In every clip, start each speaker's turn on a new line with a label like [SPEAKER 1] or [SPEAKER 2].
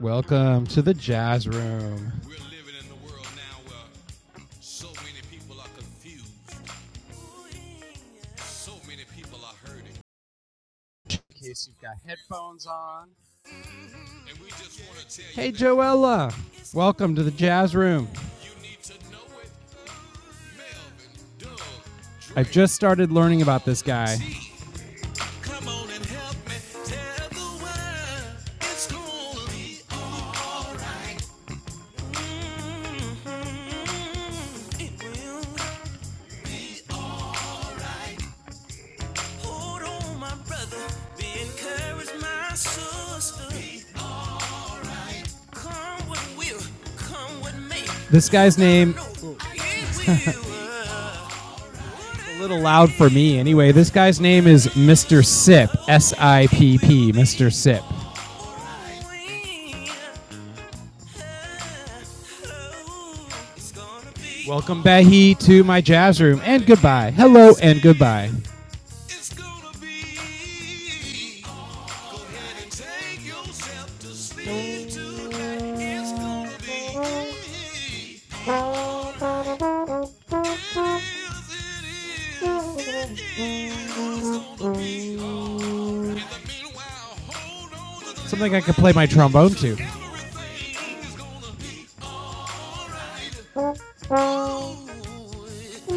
[SPEAKER 1] Welcome to the jazz room. in case you've got headphones on. Hey, Joella. Welcome to the jazz room. I've just started learning about this guy. This guy's name, a little loud for me anyway, this guy's name is Mr. Sipp. S I P P, Mr. Sipp. Welcome, Bahi, to my jazz room and goodbye. Hello and goodbye. Something I could play my trombone to. I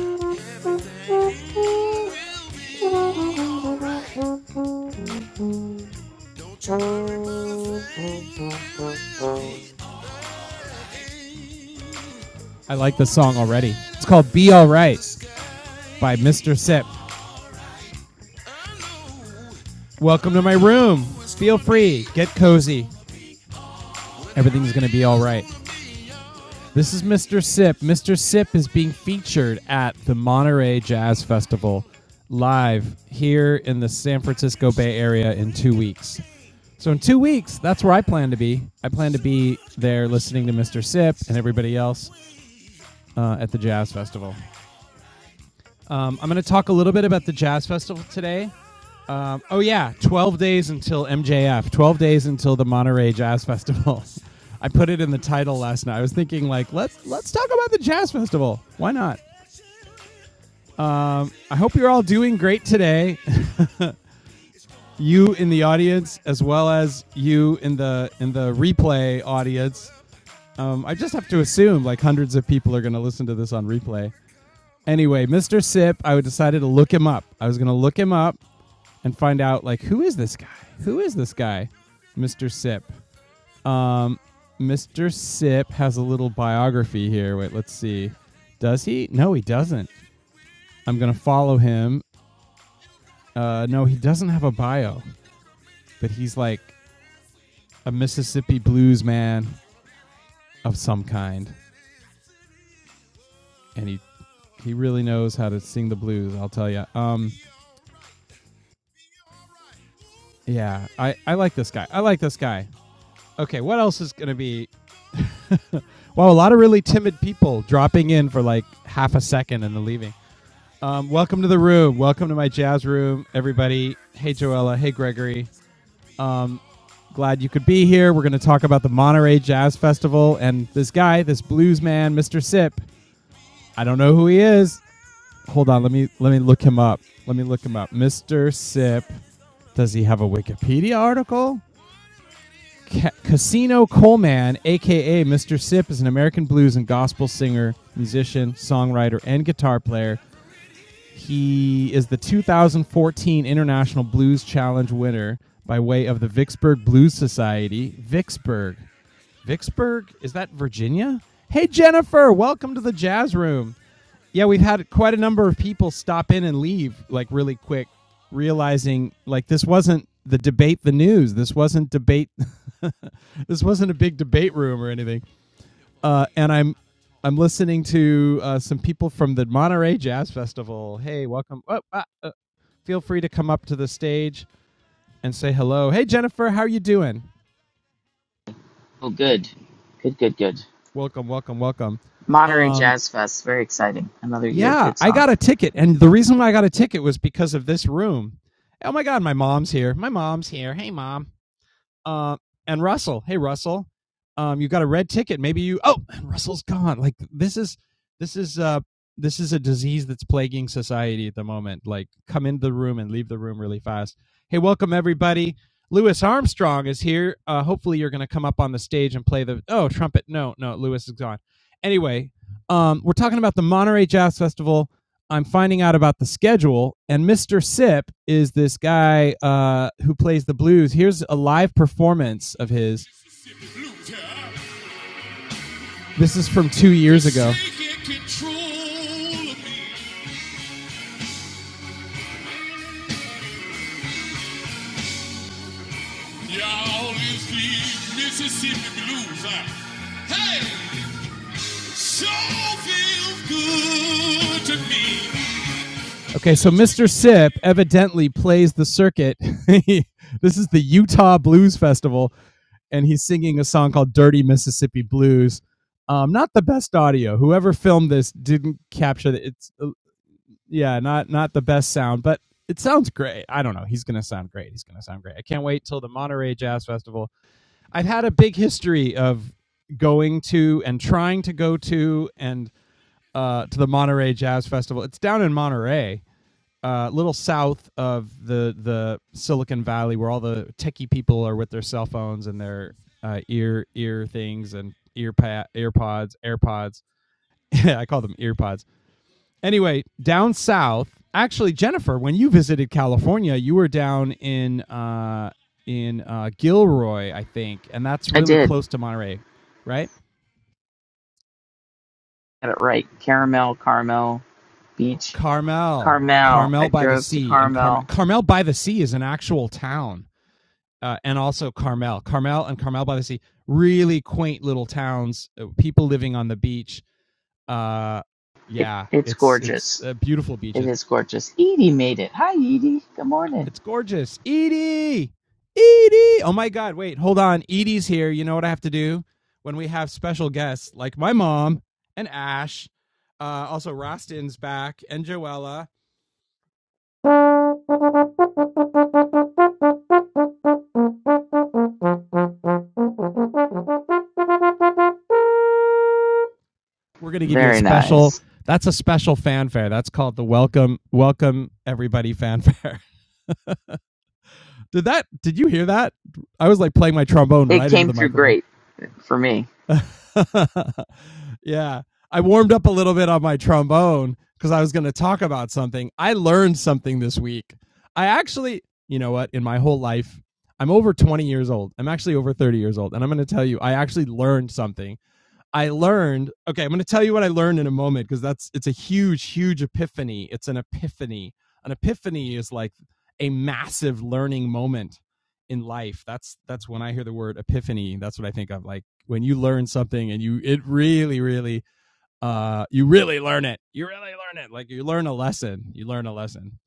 [SPEAKER 1] like the song already. It's called Be Alright by Mr. Sip. Welcome to my room. Feel free, get cozy. Everything's going to be all right. This is Mr. Sip. Mr. Sip is being featured at the Monterey Jazz Festival live here in the San Francisco Bay Area in two weeks. So in two weeks, that's where I plan to be. I plan to be there listening to Mr. Sip and everybody else uh, at the Jazz Festival. Um, I'm going to talk a little bit about the Jazz Festival today. Um, oh yeah, 12 days until MJF. 12 days until the Monterey Jazz Festival. I put it in the title last night. I was thinking like, let's let's talk about the Jazz Festival. Why not? I hope you're all doing great today. you in the audience as well as you in the in the replay audience Um, I just have to assume like hundreds of people are going to listen to this on replay. Anyway, Mr. Sip, I decided to look him up. I was going to look him up and find out like who is this guy? Who is this guy, Mr. Sip? Um, Mr. Sip has a little biography here. Wait, let's see. Does he? No, he doesn't. I'm going to follow him. Uh, no, he doesn't have a bio, but he's like a Mississippi blues man of some kind. and he he really knows how to sing the blues. I'll tell you. Um, yeah, I I like this guy. I like this guy. Okay, what else is gonna be? wow, a lot of really timid people dropping in for like half a second and then leaving. Um, welcome to the room. Welcome to my jazz room, everybody. Hey, Joella. Hey, Gregory. Glad you could be here. We're going to talk about the Monterey Jazz Festival and this guy, this blues man, Mr. Sip. I don't know who he is. hold on. Let me let me look him up. Let me look him up. Mr. Sip. Does he have a Wikipedia article? Ca- Casino Coleman, aka Mr. Sip, is an American blues and gospel singer, musician, songwriter, and guitar player. He is the 2014 International Blues Challenge winner by way of the Vicksburg Blues Society. Vicksburg. Vicksburg? Is that Virginia? Hey, Jennifer, welcome to the Jazz Room. Yeah, we've had quite a number of people stop in and leave like really quick, realizing like this wasn't the debate the news. This wasn't debate. this wasn't a big debate room or anything. Uh, and I'm I'm listening to uh, some people from the Monterey Jazz Festival. Hey, welcome. Oh, ah, uh, feel free to come up to the stage and say hello. Hey, Jennifer, how are you doing?
[SPEAKER 2] Oh, good. Good, good, good.
[SPEAKER 1] Welcome, welcome, welcome.
[SPEAKER 2] Monterey
[SPEAKER 1] Um,
[SPEAKER 2] Jazz Fest. Very exciting. Another year of
[SPEAKER 1] Yeah,
[SPEAKER 2] good
[SPEAKER 1] I got a
[SPEAKER 2] songs.
[SPEAKER 1] ticket, and the reason why I got a ticket was because of this room. Oh my God, my mom's here. My mom's here. Hey, mom. Uh, and Russell. Hey, Russell. Um, you got a red ticket. Maybe you. Oh, and Russell's gone. Like this is this is uh this is a disease that's plaguing society at the moment. Like, come into the room and leave the room really fast. Hey, welcome everybody. Louis Armstrong is here. Uh, hopefully, you're going to come up on the stage and play the oh trumpet. No, no, Louis is gone. Anyway, um, we're talking about the Monterey Jazz Festival I'm finding out about the schedule, and Mr. Sip is this guy uh, who plays the blues. Here's a live performance of his. This is from two years ago. Okay, so Mr. Sip evidently plays the circuit. this is the Utah Blues Festival, and he's singing a song called Dirty Mississippi Blues. Um, not the best audio. Whoever filmed this didn't capture it. It's uh, yeah, not not the best sound, but it sounds great. I don't know. He's gonna sound great. He's gonna sound great. I can't wait till the Monterey Jazz Festival I've had a big history of going to and trying to go to and uh, to the Monterey Jazz Festival. It's down in Monterey, a uh, little south of the the Silicon Valley, where all the techie people are with their cell phones and their uh, ear ear things and ear pa- ear pods, AirPods. I call them ear pods Anyway, down south. Actually, Jennifer, when you visited California, you were down in uh, in uh, Gilroy, I think, and that's
[SPEAKER 2] I
[SPEAKER 1] really
[SPEAKER 2] did.
[SPEAKER 1] close to Monterey, right?
[SPEAKER 2] Got it right. Caramel, Carmel Beach.
[SPEAKER 1] Carmel,
[SPEAKER 2] Carmel. I
[SPEAKER 1] Carmel by the
[SPEAKER 2] drove to
[SPEAKER 1] Sea, and Carmel,
[SPEAKER 2] Carmel.
[SPEAKER 1] Carmel by the Sea is an actual town, uh, and also Carmel, Carmel, and Carmel by the Sea, really quaint little towns, uh, people living on the beach. Uh,
[SPEAKER 2] It,
[SPEAKER 1] yeah,
[SPEAKER 2] it's
[SPEAKER 1] it's it's
[SPEAKER 2] gorgeous.
[SPEAKER 1] uh, beautiful beaches.
[SPEAKER 2] It is gorgeous. Edie made it. Hi, Edie. Good morning.
[SPEAKER 1] It's gorgeous. Edie! Edie! Oh my God. Wait, hold on. Edie's here. You know what I have to do when we have special guests like my mom and Ash. Uh, also, Rostin's back and Joella. We're going to give you a
[SPEAKER 2] Very
[SPEAKER 1] special,
[SPEAKER 2] nice.
[SPEAKER 1] that's a special fanfare. That's called the Welcome, Welcome Everybody fanfare. Did that? Did you hear that? I was like playing my trombone
[SPEAKER 2] It
[SPEAKER 1] right into
[SPEAKER 2] came
[SPEAKER 1] the
[SPEAKER 2] through
[SPEAKER 1] microphone.
[SPEAKER 2] great for me.
[SPEAKER 1] yeah, I warmed up a little bit on my trombone because I was going to talk about something. I learned something this week. I actually, you know what? In my whole life, I'm over 20 years old. I'm actually over 30 years old, and I'm going to tell you, I actually learned something I learned, okay, I'm going to tell you what I learned in a moment because that's it's a huge huge epiphany. It's an epiphany. An epiphany is like a massive learning moment in life. That's that's when I hear the word epiphany, that's what I think of like when you learn something and you it really really uh you really learn it. You really learn it. Like you learn a lesson. You learn a lesson.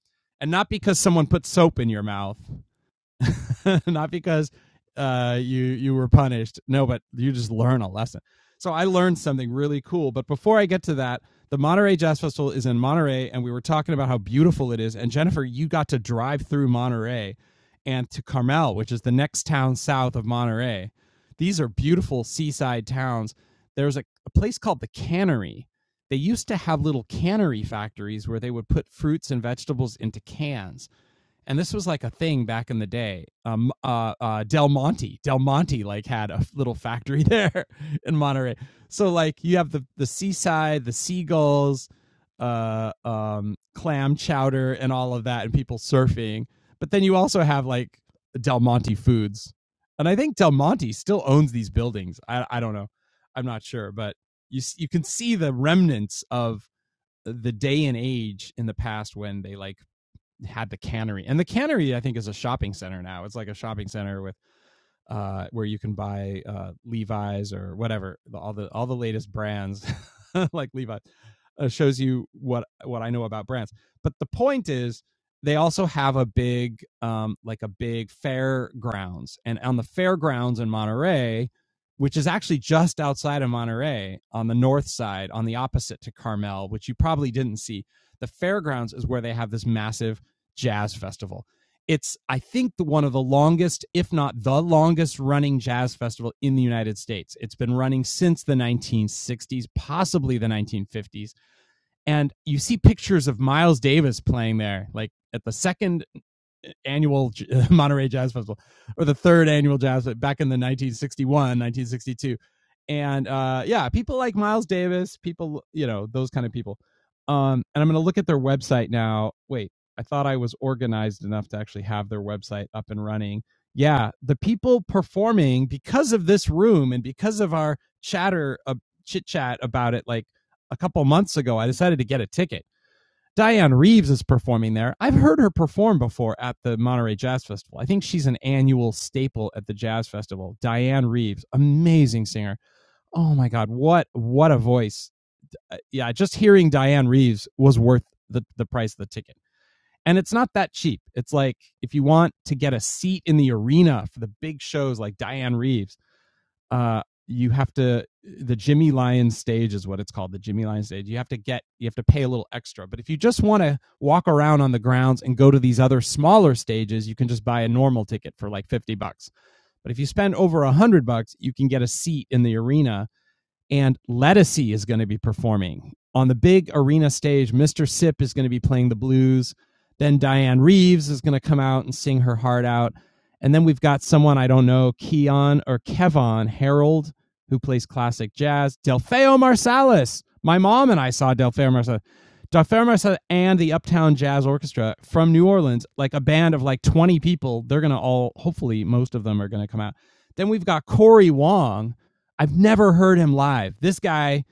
[SPEAKER 1] And not because someone put soap in your mouth not because uh, you you were punished. No, but you just learn a lesson. So I learned something really cool. But before I get to that, the Monterey Jazz Festival is in Monterey, and we were talking about how beautiful it is. And Jennifer, you got to drive through Monterey and to Carmel, which is the next town south of Monterey. These are beautiful seaside towns. There's a, a place called the Cannery. They used to have little cannery factories where they would put fruits and vegetables into cans and this was like a thing back in the day. Um, uh, uh, Del Monte, Del Monte, like had a little factory there in Monterey. So like you have the the seaside, the seagulls, uh, um, clam chowder, and all of that, and people surfing. But then you also have like Del Monte Foods, and I think Del Monte still owns these buildings. I I don't know, I'm not sure, but you you can see the remnants of the day and age in the past when they like had the cannery and the cannery i think is a shopping center now it's like a shopping center with uh, where you can buy uh, Levi's or whatever, all the all the latest brands like Levi's, uh, shows you what what I know about brands. But the point is, they also have a big um, like a big fairgrounds, and on the fairgrounds in Monterey, which is actually just outside of Monterey on the north side, on the opposite to Carmel, which you probably didn't see. The fairgrounds is where they have this massive jazz festival it's i think the one of the longest if not the longest running jazz festival in the united states it's been running since the 1960s possibly the 1950s and you see pictures of miles davis playing there like at the second annual Monterey Jazz Festival or the third annual jazz uh, back in the 1961, 1962, And uh, yeah, people like Miles Davis, people, you know, those kind of people. Um, and I'm going to look at their website now. Wait, I thought I was organized enough to actually have their website up and running. Yeah, the people performing because of this room and because of our chatter, uh, chit chat about it, like a couple months ago, I decided to get a ticket Diane Reeves is performing there. I've heard her perform before at the Monterey Jazz Festival. I think she's an annual staple at the Jazz Festival. Diane Reeves, amazing singer. Oh my God, what what a voice! Uh, Yeah, just hearing Diane Reeves was worth the the price of the ticket. And it's not that cheap. It's like if you want to get a seat in the arena for the big shows like Diane Reeves, uh, you have to the Jimmy Lyons stage is what it's called, the Jimmy Lyons stage. You have to get you have to pay a little extra. But if you just want to walk around on the grounds and go to these other smaller stages, you can just buy a normal ticket for like 50 bucks. But if you spend over a 100 bucks, you can get a seat in the arena and Ledisi is going to be performing on the big arena stage. Mr. Sip is going to be playing the blues. Then Diane Reeves is going to come out and sing her heart out. And then we've got someone I don't know, Keon or Kevon Harold, who plays classic jazz. Delfeo Marsalis. My mom and I saw Delfeo Marsalis. Delfeo Marsalis and the Uptown Jazz Orchestra from New Orleans, like a band of like 20 people. They're going to all, hopefully, most of them are going to come out. Then we've got Corey Wong, I've never heard him live. This guy,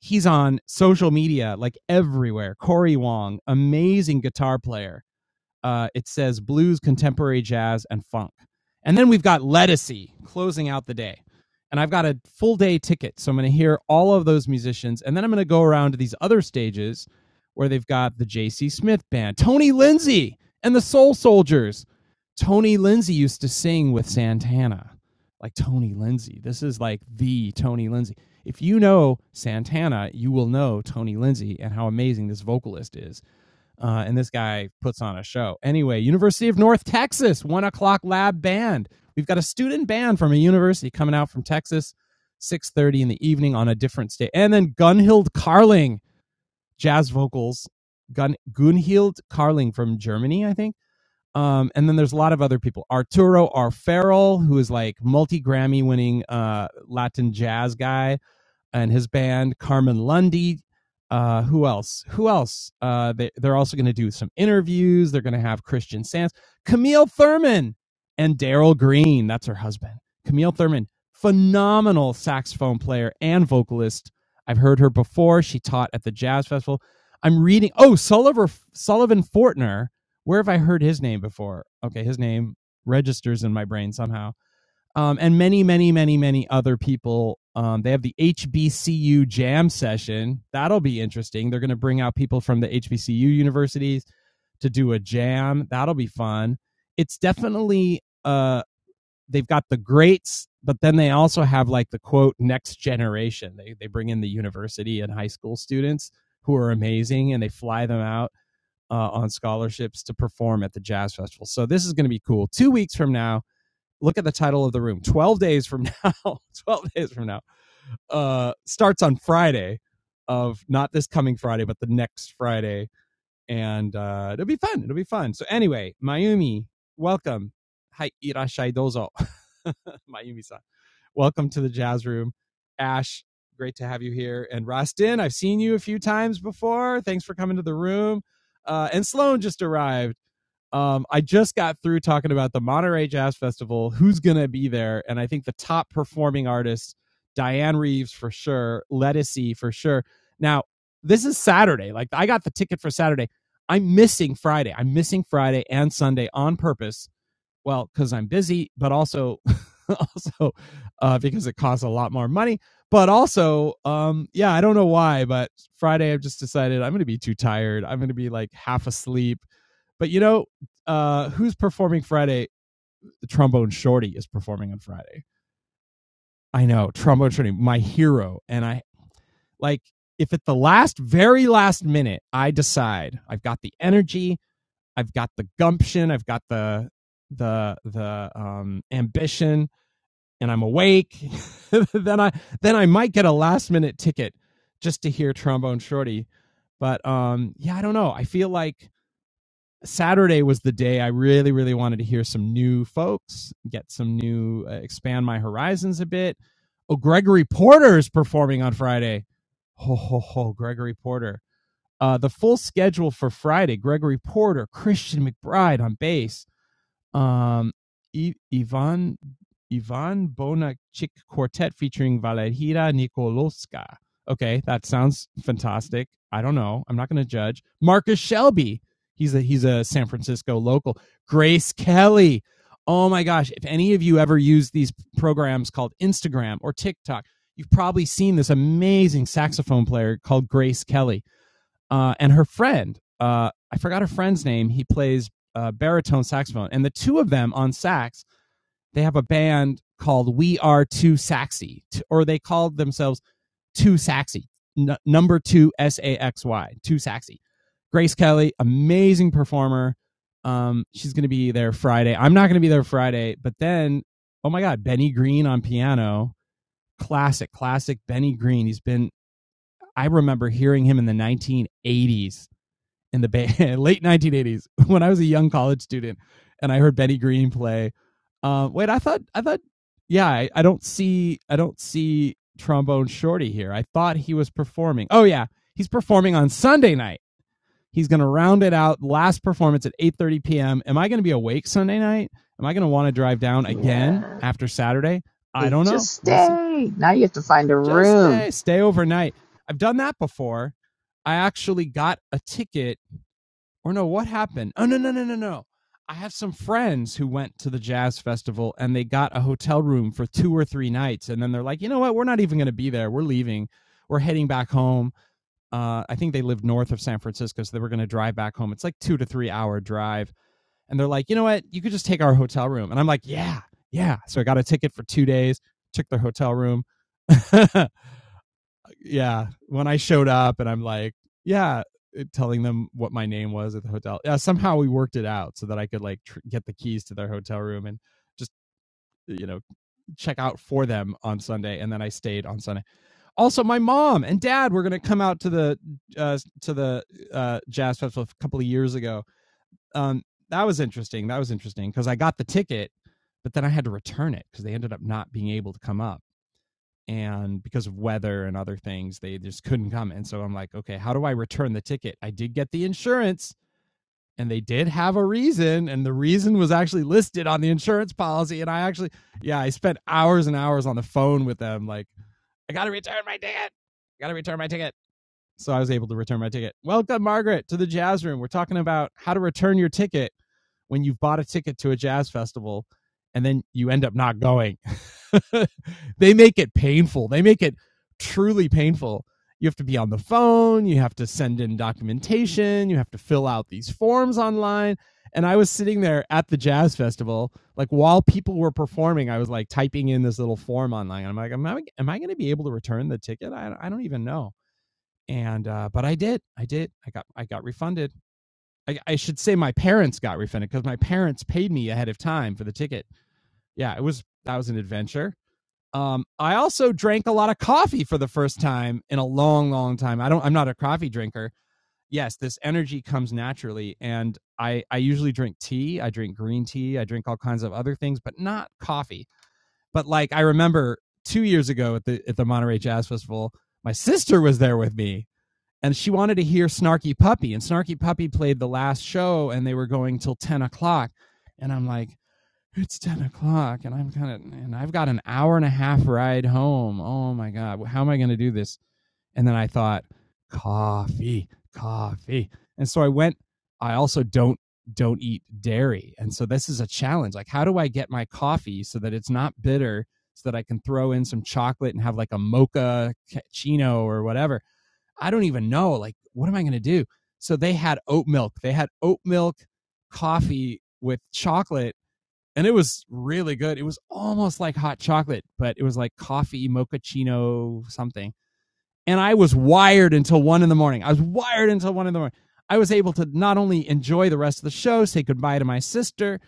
[SPEAKER 1] he's on social media like everywhere. Corey Wong, amazing guitar player. Uh, it says blues, contemporary jazz, and funk. And then we've got Ledisi closing out the day. And I've got a full day ticket. So I'm going to hear all of those musicians. And then I'm going to go around to these other stages where they've got the J.C. Smith Band, Tony Lindsay, and the Soul Soldiers. Tony Lindsay used to sing with Santana. Like Tony Lindsay. This is like the Tony Lindsay. If you know Santana, you will know Tony Lindsay and how amazing this vocalist is uh, and this guy puts on a show. Anyway, University of North Texas, one o'clock lab band. We've got a student band from a university coming out from Texas, 6.30 in the evening on a different state. And then Gunhild Carling, jazz vocals. Gun Gunhild Carling from Germany, I think. Um, and then there's a lot of other people. Arturo R. who is like multi-Grammy winning uh, Latin jazz guy and his band Carmen Lundy. Uh, who else? Who else? Uh, they, they're also going to do some interviews. They're going to have Christian Sands, Camille Thurman, and Daryl Green. That's her husband. Camille Thurman, phenomenal saxophone player and vocalist. I've heard her before. She taught at the Jazz Festival. I'm reading. Oh, Sullivan Sullivan Fortner. Where have I heard his name before? Okay, his name registers in my brain somehow um, and many, many, many, many other people. Um, they have the HBCU jam session. That'll be interesting. They're going to bring out people from the HBCU universities to do a jam. That'll be fun. It's definitely uh, they've got the greats, but then they also have like the quote next generation. They they bring in the university and high school students who are amazing, and they fly them out uh, on scholarships to perform at the jazz festival. So this is going to be cool. Two weeks from now look at the title of the room 12 days from now 12 days from now uh starts on friday of not this coming friday but the next friday and uh it'll be fun it'll be fun so anyway mayumi welcome hi irashai dozo mayumi-san welcome to the jazz room ash great to have you here and rostin i've seen you a few times before thanks for coming to the room uh and sloan just arrived um, I just got through talking about the Monterey Jazz Festival, who's going to be there. And I think the top performing artists, Diane Reeves for sure, Lettucey for sure. Now, this is Saturday. Like, I got the ticket for Saturday. I'm missing Friday. I'm missing Friday and Sunday on purpose. Well, because I'm busy, but also, also uh, because it costs a lot more money. But also, um, yeah, I don't know why, but Friday I've just decided I'm going to be too tired. I'm going to be like half asleep but you know, uh, who's performing Friday? The trombone shorty is performing on Friday. I know, trombone shorty, my hero. And I like if at the last, very last minute, I decide I've got the energy, I've got the gumption, I've got the the the um ambition and I'm awake, then I then I might get a last minute ticket just to hear trombone shorty. But um yeah, I don't know. I feel like Saturday was the day I really, really wanted to hear some new folks, get some new, uh, expand my horizons a bit. Oh, Gregory Porter is performing on Friday. Ho, ho, ho, Gregory Porter. Uh, the full schedule for Friday Gregory Porter, Christian McBride on bass, um, I- Ivan Ivan Bonachik Quartet featuring Valeria Nikolowska. Okay, that sounds fantastic. I don't know. I'm not going to judge. Marcus Shelby. He's a he's a San Francisco local. Grace Kelly. Oh my gosh, if any of you ever use these programs called Instagram or TikTok, you've probably seen this amazing saxophone player called Grace Kelly uh, and her friend. Uh, I forgot her friend's name. He plays uh, baritone saxophone, and the two of them on sax, they have a band called We Are Too Saxy, or they called themselves Too Saxy, n- number two S A X Y, Too Saxy. Grace Kelly, amazing performer. Um, she's going to be there Friday. I'm not going to be there Friday, but then, oh my God, Benny Green on piano, classic, classic Benny Green. He's been I remember hearing him in the 1980s in the Bay late 1980s when I was a young college student and I heard Benny Green play. Uh, wait, I thought I thought yeah, I, I don't see I don't see trombone shorty here. I thought he was performing. Oh yeah, he's performing on Sunday night. He's going to round it out last performance at 8:30 p.m. Am I going to be awake Sunday night? Am I going to want to drive down again
[SPEAKER 2] Yeah.
[SPEAKER 1] after Saturday? I
[SPEAKER 2] Hey,
[SPEAKER 1] don't
[SPEAKER 2] just
[SPEAKER 1] know. We'll see.
[SPEAKER 2] stay. Now you have to find a
[SPEAKER 1] Just
[SPEAKER 2] room.
[SPEAKER 1] stay stay overnight. I've done that before. I actually got a ticket or no, what happened? Oh no, no, no, no, no. I have some friends who went to the jazz festival and they got a hotel room for two or three nights, and then they're like, you know what? We're not even going to be there. We're leaving. We're heading back home. Uh, I think they lived north of San Francisco, so they were going to drive back home. It's like two to three hour drive, and they're like, you know what? You could just take our hotel room, and I'm like, yeah, yeah. So I got a ticket for two days. Took their hotel room. And yeah, when I showed up and I'm like, yeah, uh, telling them what my name was at the hotel. Yeah, somehow we worked it out so that I could like tr- get the keys to their hotel room and just uh, you know check out for them on Sunday, and then I stayed on Sunday. Also, my mom and dad were gonna come out to the uh, to the uh, jazz festival a couple of years ago. Um, that was interesting. That was interesting because I got the ticket, but then I had to return it because they ended up not being able to come up and because of weather and other things they just couldn't come and so i'm like okay how do i return the ticket i did get the insurance and they did have a reason and the reason was actually listed on the insurance policy and i actually yeah i spent hours and hours on the phone with them like i gotta return my ticket i gotta return my ticket so i was able to return my ticket welcome margaret to the jazz room we're talking about how to return your ticket when you've bought a ticket to a jazz festival and then you end up not going they make it painful. They make it truly painful. You have to be on the phone, you have to send in documentation, you have to fill out these forms online. And I was sitting there at the jazz festival, like while people were performing, I was like typing in this little form online. And I'm like, am I, am I going to be able to return the ticket? I, I don't even know. And uh, but I did, I did, I got, I got refunded. I, I should say my parents got refunded because my parents paid me ahead of time for the ticket. Yeah, it was that was an adventure um, I also drank a lot of coffee for the first time in a long, long time. I don't. I'm not a coffee drinker. Yes, this energy comes naturally, and I I usually drink tea. I drink green tea. I drink all kinds of other things, but not coffee. But like I remember two years ago at the at the Monterey Jazz Festival, my sister was there with me, and she wanted to hear Snarky Puppy, and Snarky Puppy played the last show, and they were going till ten o'clock, and I'm like, it's 10 o'clock and i'm kind of and i've got an hour and a half ride home oh my god how am i going to do this and then i thought coffee coffee and so i went i also don't don't eat dairy and so this is a challenge like how do i get my coffee so that it's not bitter so that i can throw in some chocolate and have like a mocha cappuccino or whatever i don't even know like what am i going to do so they had oat milk they had oat milk coffee with chocolate and it was really good. It was almost like hot chocolate, but it was like coffee mochaccino something. And I was wired until one in the morning. I was wired until one in the morning. I was able to not only enjoy the rest of the show, say goodbye to my sister,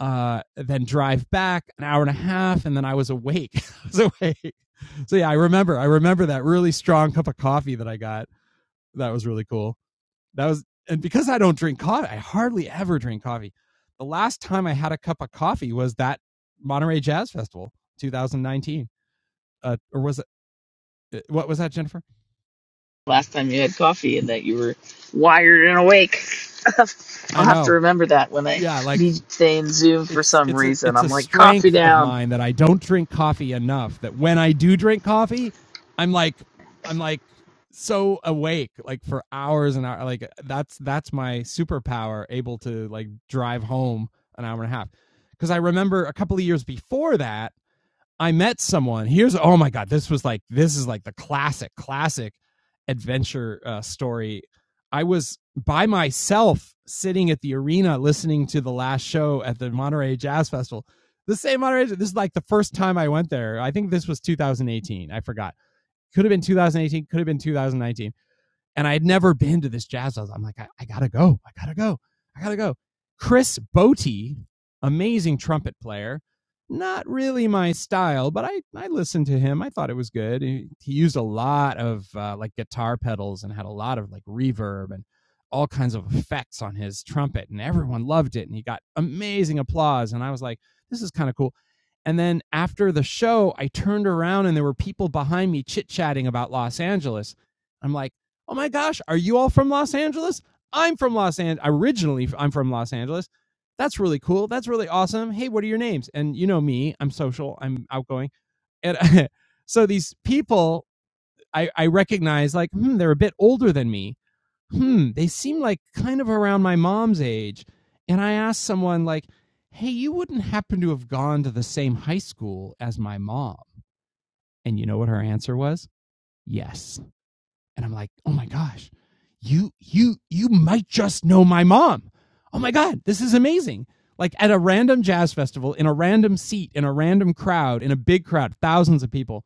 [SPEAKER 1] uh, then drive back an hour and a half, and then I was awake. I was awake. So yeah, I remember. I remember that really strong cup of coffee that I got. That was really cool. That was and because I don't drink coffee, I hardly ever drink coffee. The last time I had a cup of coffee was that Monterey Jazz Festival 2019. Uh, or was it eh, what was that, Jennifer?
[SPEAKER 2] last time you had coffee and that you were wired and awake. I'll
[SPEAKER 1] I
[SPEAKER 2] have to
[SPEAKER 1] know.
[SPEAKER 2] remember that when I
[SPEAKER 1] Yeah, like
[SPEAKER 2] need to stay in Zoom for
[SPEAKER 1] it's
[SPEAKER 2] some
[SPEAKER 1] it's a
[SPEAKER 2] reason.
[SPEAKER 1] it's
[SPEAKER 2] I'm
[SPEAKER 1] a
[SPEAKER 2] like, coffee
[SPEAKER 1] strength of
[SPEAKER 2] down,
[SPEAKER 1] mine that I don't drink coffee enough that when I do drink coffee, I'm like I'm like so awake like for hours and hours like that's that's my superpower able to like drive home an hour and a half because I remember a couple of years before that I met someone. Here's oh my god, this was like this is like the classic classic adventure uh, story. I was by myself sitting at the arena listening to the last show at the Monterey Jazz Festival. The same Monterey. This is like the first time I went there. I think this was 2018. I forgot. Could have been 2018. Could have been 2019 and I had never been to this jazz house. I'm like, I, I gotta go. I gotta go. I gotta go. Chris Botti, amazing trumpet player. Not really my style, but I, I listened to him. I thought it was good. He, he used a lot of uh, like guitar pedals and had a lot of like reverb and all kinds of effects on his trumpet, and everyone loved it. And he got amazing applause. And I was like, this is kind of cool. And then after the show, I turned around and there were people behind me chit chatting about Los Angeles. I'm like, oh my gosh, are you all from Los Angeles? I'm from Los Angeles. Originally, I'm from Los Angeles. That's really cool. That's really awesome. Hey, what are your names? And you know me, I'm social, I'm outgoing. And so these people I, I recognize, like, hmm, they're a bit older than me. Hmm, they seem like kind of around my mom's age. And I asked someone, like, hey, you wouldn't happen to have gone to the same high school as my mom. And you know what her answer was? Yes and I'm like, oh my gosh, you you you might just know my mom. Oh my god, this is amazing. Like at a random jazz festival in a random seat in a random crowd in a big crowd, thousands of people.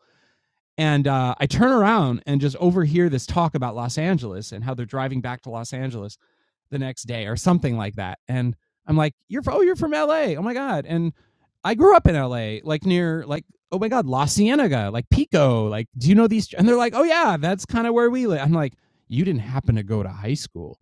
[SPEAKER 1] And uh, I turn around and just overhear this talk about Los Angeles and how they're driving back to Los Angeles the next day or something like that. And I'm like, you're oh, you're from LA. Oh my god. And I grew up in LA, like near like oh my god, La Cienega, like Pico. Like, do you know these? And they're like, oh yeah, that's kind of where we live. I'm like, you didn't happen to go to high school,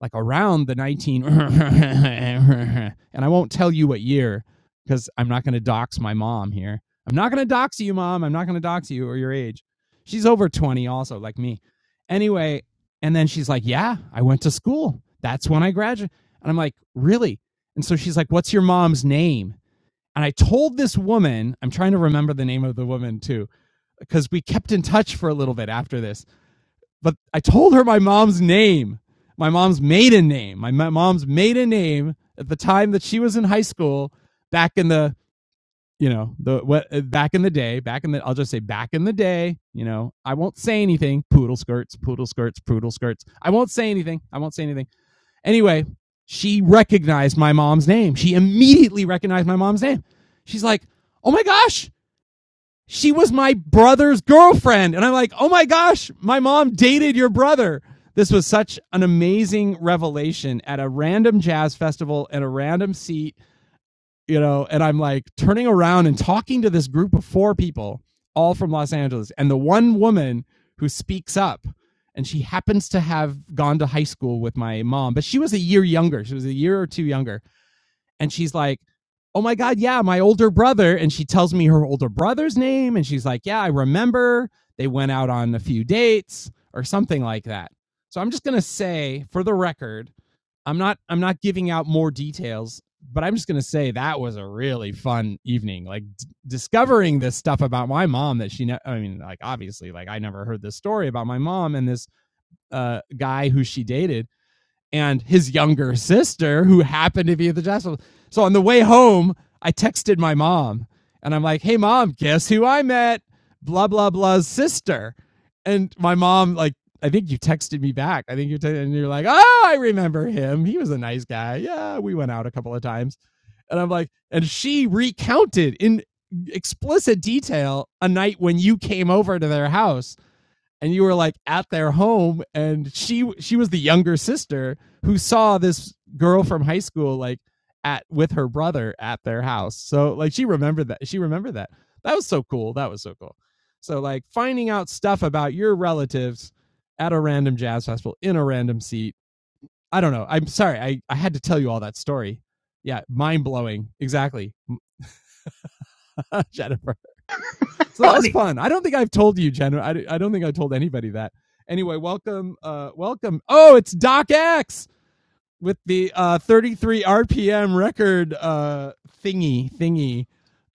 [SPEAKER 1] like around the 19, and I won't tell you what year because I'm not going to dox my mom here. I'm not going to dox you, mom. I'm not going to dox you or your age. She's over 20 also, like me. Anyway, and then she's like, Yeah, I went to school. That's when I graduated. And I'm like, Really? And so she's like, What's your mom's name? And I told this woman, I'm trying to remember the name of the woman too, because we kept in touch for a little bit after this. But I told her my mom's name, my mom's maiden name, my, my mom's maiden name at the time that she was in high school back in the you know the what uh, back in the day back in the i'll just say back in the day you know i won't say anything poodle skirts poodle skirts poodle skirts i won't say anything i won't say anything anyway she recognized my mom's name she immediately recognized my mom's name she's like oh my gosh she was my brother's girlfriend and i'm like oh my gosh my mom dated your brother this was such an amazing revelation at a random jazz festival at a random seat you know, and I'm like turning around and talking to this group of four people, all from Los Angeles. And the one woman who speaks up, and she happens to have gone to high school with my mom, but she was a year younger. She was a year or two younger. And she's like, Oh my God, yeah, my older brother. And she tells me her older brother's name. And she's like, Yeah, I remember they went out on a few dates or something like that. So I'm just going to say for the record I'm not I'm not giving out more details, but I'm just going to say that was a really fun evening. Like d- discovering this stuff about my mom that she ne- I mean like obviously like I never heard this story about my mom and this uh guy who she dated and his younger sister, who happened to be at the jazz festival. So on the way home, I texted my mom and I'm like, hey, mom, guess who I met? Blah, blah, blah's sister. And my mom, like, I think you texted me back. I think you texted, and you're like, oh, I remember him. He was a nice guy. Yeah, we went out a couple of times. And I'm like, and she recounted in explicit detail a night when you came over to their house and you were like at their home and she she was the younger sister who saw this girl from high school like at with her brother at their house so like she remembered that she remembered that that was so cool that was so cool so like finding out stuff about your relatives at a random jazz festival in a random seat i don't know i'm sorry i, I had to tell you all that story yeah mind blowing exactly jennifer so that was
[SPEAKER 2] honey.
[SPEAKER 1] fun. I don't think I've told you, Jen. I, I don't think I told anybody that. Anyway, welcome, uh, welcome. Oh, it's Doc X with the uh, 33 RPM record uh, thingy thingy.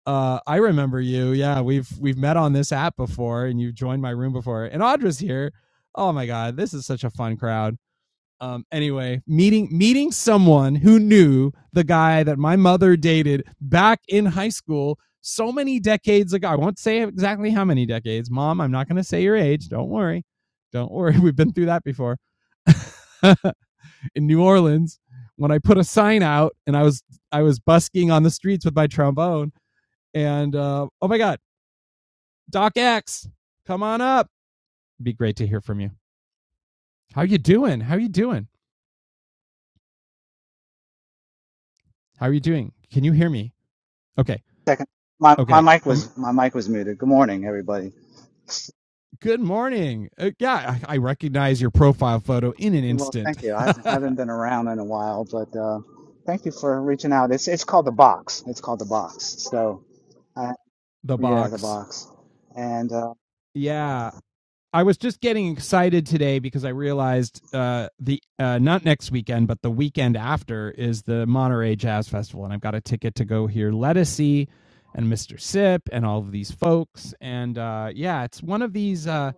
[SPEAKER 1] Uh, I remember you. Yeah, we've we've met on this app before, and you've joined my room before. And Audra's here. Oh my god, this is such a fun crowd. Um, anyway, meeting meeting someone who knew the guy that my mother dated back in high school so many decades ago. I won't say exactly how many decades. Mom, I'm not going to say your age. Don't worry. Don't worry. We've been through that before. in New Orleans, when I put a sign out and I was I was busking on the streets with my trombone and uh, oh my god, Doc X, come on up. It'd be great to hear from you. How you doing? How you doing? How are you doing? Can you hear me? Okay.
[SPEAKER 3] Second, my, my
[SPEAKER 1] Okay.
[SPEAKER 3] mic
[SPEAKER 1] Um,
[SPEAKER 3] was my mic was muted. Good morning, everybody.
[SPEAKER 1] good morning. Uh, yeah, I, I recognize your profile photo in an
[SPEAKER 3] Well,
[SPEAKER 1] instant.
[SPEAKER 3] thank you. I haven't been around in a while, but uh, thank you for reaching out. It's it's called the box. It's called the box. So I,
[SPEAKER 1] The
[SPEAKER 3] yeah, the
[SPEAKER 1] box.
[SPEAKER 3] box. And uh,
[SPEAKER 1] Yeah. I was just getting excited today because I realized uh, the uh, not next weekend, but the weekend after is the Monterey Jazz Festival, and I've got a ticket to go hear Lettucey and Mr. Sip and all of these folks. And uh, yeah, it's one of these. Uh,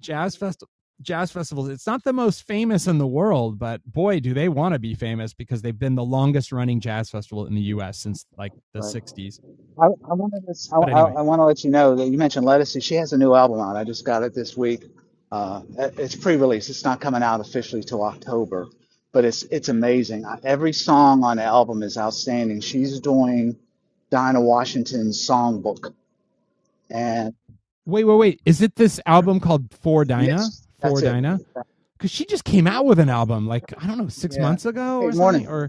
[SPEAKER 1] jazz fest jazz festivals it's not the most famous in the world but boy do they want to be famous because they've been the longest running jazz festival in the US since like the
[SPEAKER 3] right.
[SPEAKER 1] 60s
[SPEAKER 3] I, I wanted to, s- I,
[SPEAKER 1] but
[SPEAKER 3] I-
[SPEAKER 1] anyway
[SPEAKER 3] I want to let you know that you mentioned Lettuce. She has a new album out. I just got it this week. Uh, it- it's pre-release. It's not coming out officially till October, but it's it's amazing. I- Every song on the album is outstanding. She's doing Dinah Washington's songbook, and
[SPEAKER 1] wait wait wait is it this album called For Dinah
[SPEAKER 3] yes, that's
[SPEAKER 1] For
[SPEAKER 3] it.
[SPEAKER 1] Dinah cuz she just came out with an album like I don't know 6
[SPEAKER 3] Yeah.
[SPEAKER 1] months ago
[SPEAKER 3] Hey,
[SPEAKER 1] or something
[SPEAKER 3] morning.
[SPEAKER 1] or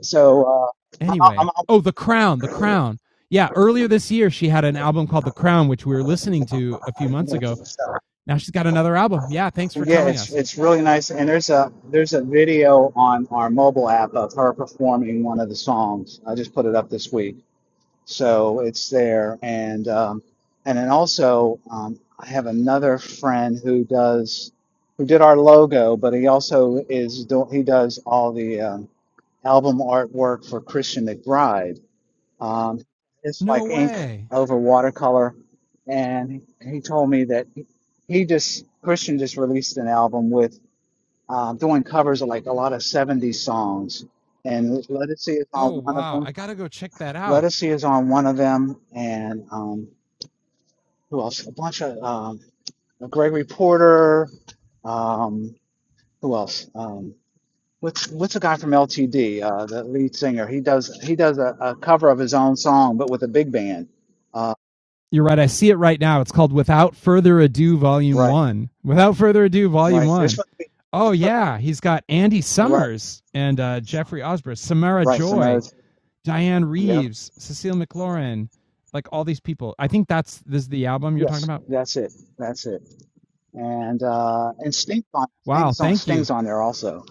[SPEAKER 3] So uh,
[SPEAKER 1] Anyway,
[SPEAKER 3] I'm,
[SPEAKER 1] oh, The Crown, The Crown. Yeah, earlier this year she had an album called The Crown, which we were listening
[SPEAKER 3] I'm,
[SPEAKER 1] to a few months ago.
[SPEAKER 3] I'm,
[SPEAKER 1] Now she's got another album. Yeah, thanks for
[SPEAKER 3] Yeah,
[SPEAKER 1] telling
[SPEAKER 3] it's
[SPEAKER 1] us.
[SPEAKER 3] it's really nice, and there's a there's a video on our mobile app of her performing one of the songs. I just put it up this week, so it's there. And um, and then also um, I have another friend who does who did our logo, but he also is do- he does all the um, album artwork for Christian McBride. Um, it's like
[SPEAKER 1] No
[SPEAKER 3] ink
[SPEAKER 1] way.
[SPEAKER 3] over watercolor, and he, he told me that he he just Christian just released an album with uh, doing covers of like a lot of 70s songs. And Let It See is on
[SPEAKER 1] Oh
[SPEAKER 3] one of
[SPEAKER 1] wow,
[SPEAKER 3] them.
[SPEAKER 1] I gotta go check that
[SPEAKER 3] Let
[SPEAKER 1] out.
[SPEAKER 3] It See is on one of them. And um, who else? A bunch of um, Gregory Porter. Um, who else? Um, what's what's the guy from LTD? Uh, the lead singer. He does he does a, a cover of his own song, but with a big band. Uh,
[SPEAKER 1] You're right. I see it right now. It's called Without Further Ado, Volume
[SPEAKER 3] right,
[SPEAKER 1] One. Without Further Ado, Volume
[SPEAKER 3] right. There's
[SPEAKER 1] One.
[SPEAKER 3] supposed to
[SPEAKER 1] Oh
[SPEAKER 3] be
[SPEAKER 1] yeah, he's got Andy
[SPEAKER 3] right,
[SPEAKER 1] Summers and uh, Jeffrey Osborne, Samara
[SPEAKER 3] right.
[SPEAKER 1] Joy,
[SPEAKER 3] Samaritan.
[SPEAKER 1] Diane
[SPEAKER 3] Yep.
[SPEAKER 1] Reeves, Cecile McLaurin, like all these people. I think that's this is the album you're talking
[SPEAKER 3] Yes,
[SPEAKER 1] about.
[SPEAKER 3] that's it. That's it. and uh, and Sting's on
[SPEAKER 1] Wow,
[SPEAKER 3] Sting's on
[SPEAKER 1] thank you.
[SPEAKER 3] Sting's on there also.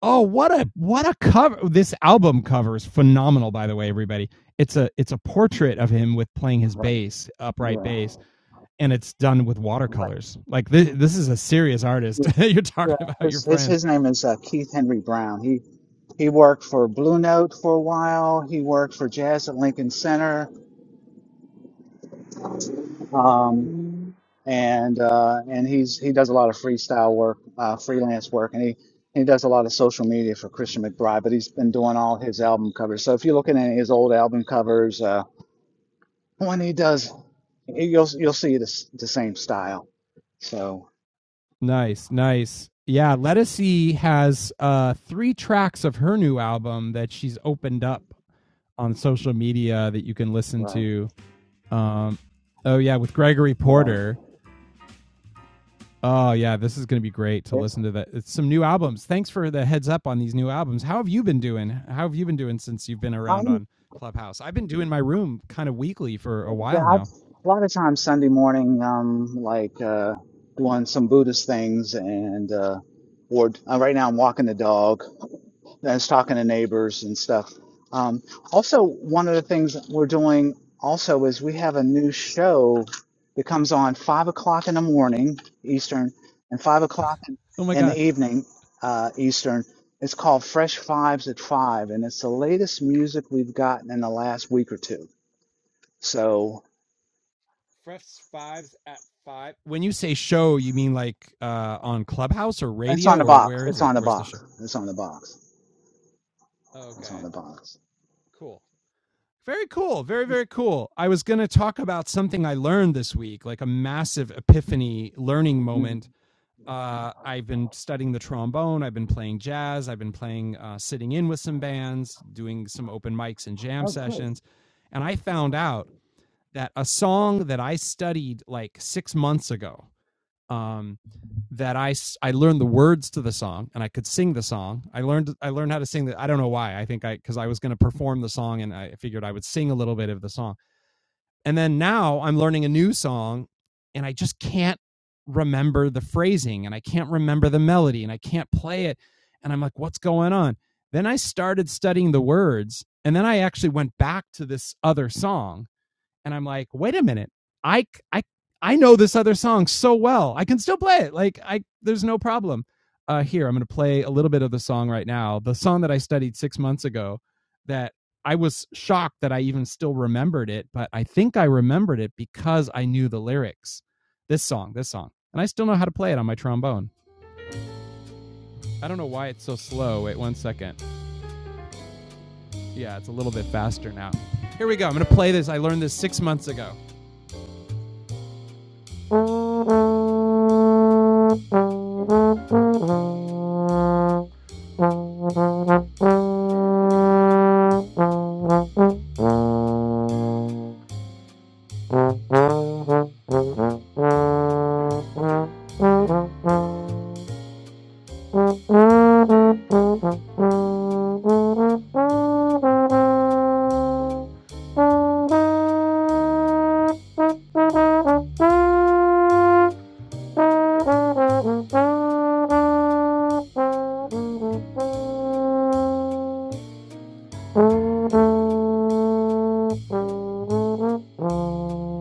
[SPEAKER 1] Oh, what a what a cover! This album cover is phenomenal, by the way, everybody. It's a it's a portrait of him with playing his
[SPEAKER 3] Right.
[SPEAKER 1] bass, upright
[SPEAKER 3] Yeah.
[SPEAKER 1] bass, and it's done with
[SPEAKER 3] Right.
[SPEAKER 1] watercolors. Like this, this is a serious artist. You're
[SPEAKER 3] Yeah.
[SPEAKER 1] talking about your
[SPEAKER 3] His his
[SPEAKER 1] friend.
[SPEAKER 3] his name is uh, Keith Henry Brown. He he worked for Blue Note for a while. He worked for Jazz at Lincoln Center. Um, and uh, and he's he does a lot of freestyle work, uh, freelance work, and he. He does a lot of social media for Christian McBride, but he's been doing all his album covers. So if you look at any of his old album covers, uh. when he does, you'll you'll see this the same style. So
[SPEAKER 1] Nice, nice. Yeah, Lettucey has uh, three tracks of her new album that she's opened up on social media that you can listen
[SPEAKER 3] right,
[SPEAKER 1] to. Um, oh yeah, with Gregory
[SPEAKER 3] right.
[SPEAKER 1] Porter Oh yeah, this is going to be great to
[SPEAKER 3] It's
[SPEAKER 1] listen to that. It's some new albums. Thanks for the heads up on these new albums. How have you been doing? How have you been doing since you've been around
[SPEAKER 3] I'm
[SPEAKER 1] on Clubhouse? I've been doing my room kind of weekly for
[SPEAKER 3] I,
[SPEAKER 1] a
[SPEAKER 3] am
[SPEAKER 1] while now.
[SPEAKER 3] a lot of times Sunday morning, um, like uh, doing some Buddhist things, and uh, or uh, right now I'm walking the dog, I was talking to neighbors and stuff. Um, also, one of the things we're doing also is we have a new show that comes on five o'clock in the morning Eastern and five o'clock in
[SPEAKER 1] Oh my
[SPEAKER 3] in the
[SPEAKER 1] god.
[SPEAKER 3] evening uh, Eastern. It's called Fresh Fives at Five, and it's the latest music we've gotten in the last week or two. So
[SPEAKER 1] Fresh Fives at 5. When you say show, you mean like uh on Clubhouse or
[SPEAKER 3] it's on
[SPEAKER 1] radio
[SPEAKER 3] the
[SPEAKER 1] or
[SPEAKER 3] box.
[SPEAKER 1] where is
[SPEAKER 3] It's
[SPEAKER 1] it?
[SPEAKER 3] on the
[SPEAKER 1] Where's the show?
[SPEAKER 3] box. It's on the box. It's on
[SPEAKER 1] Okay.
[SPEAKER 3] the box.
[SPEAKER 1] Cool. Very cool. Very, very cool. I was going to talk about something I learned this week, like a massive epiphany learning
[SPEAKER 3] Mhm.
[SPEAKER 1] moment uh, I've been studying the trombone. I've been playing jazz. I've been playing uh, sitting in with some bands, doing some open mics and jam
[SPEAKER 3] Oh, good.
[SPEAKER 1] sessions. And I found out that a song that I studied like six months ago, um, that I I learned the words to the song and I could sing the song. I learned I learned how to sing that. I don't know why. I think I because I was going to perform the song and I figured I would sing a little bit of the song. And then now I'm learning a new song and I just can't remember the phrasing and I can't remember the melody and I can't play it. And I'm like, what's going on? Then I started studying the words and then I actually went back to this other song and I'm like, wait a minute, I I I know this other song so well. I can still play it. Like I, there's no problem. Uh, here, I'm going to play a little bit of the song right now. The song that I studied six months ago, that I was shocked that I even still remembered it, but I think I remembered it because I knew the lyrics. This song, this song. And I still know how to play it on my trombone. I don't know why it's so slow. Wait one second. Yeah, it's a little bit faster now. Here we go. I'm going to play this. I learned this six months ago. Thank you. Thank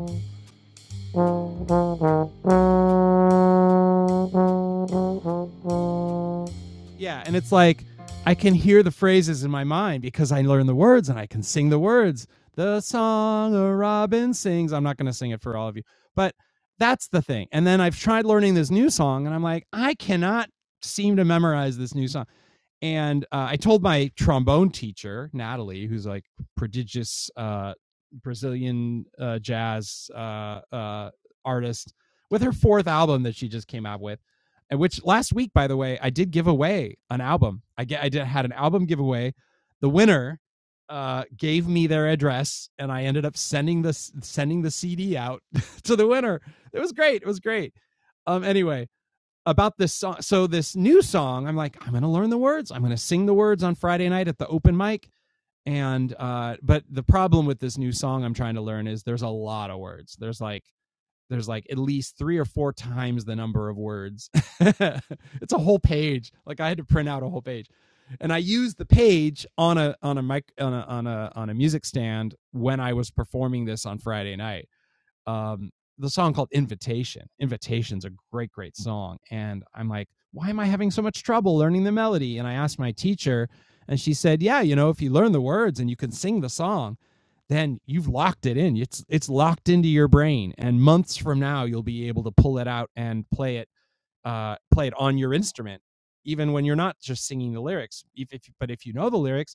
[SPEAKER 1] you. Yeah, and it's like I can hear the phrases in my mind because I learn the words and I can sing the words. The song a robin sings. I'm not going to sing it for all of you, but that's the thing. And then I've tried learning this new song and I'm like, I cannot seem to memorize this new song and uh, I told my trombone teacher Natalie, who's like prodigious uh, Brazilian uh, jazz uh, uh, artist, with her fourth album that she just came out with, and which last week, by the way, I did give away an album. I get I did had an album giveaway. The winner uh, gave me their address, and I ended up sending the sending the CD out to the winner. It was great. It was great. Um. Anyway, about this song. So this new song, I'm like, I'm going to learn the words. I'm going to sing the words on Friday night at the open mic. And uh, but the problem with this new song I'm trying to learn is there's a lot of words. There's like there's like at least three or four times the number of words. it's a whole page. Like I had to print out a whole page. And I used the page on a on a mic on a on a on a music stand when I was performing this on Friday night um, the song called Invitation. Invitation's a great, great song. And I'm like, why am I having so much trouble learning the melody? And I asked my teacher, and she said, yeah, you know, if you learn the words and you can sing the song, then you've locked it in. It's it's locked into your brain, and months from now you'll be able to pull it out and play it uh, play it on your instrument, even when you're not just singing the lyrics. If, if but if you know the lyrics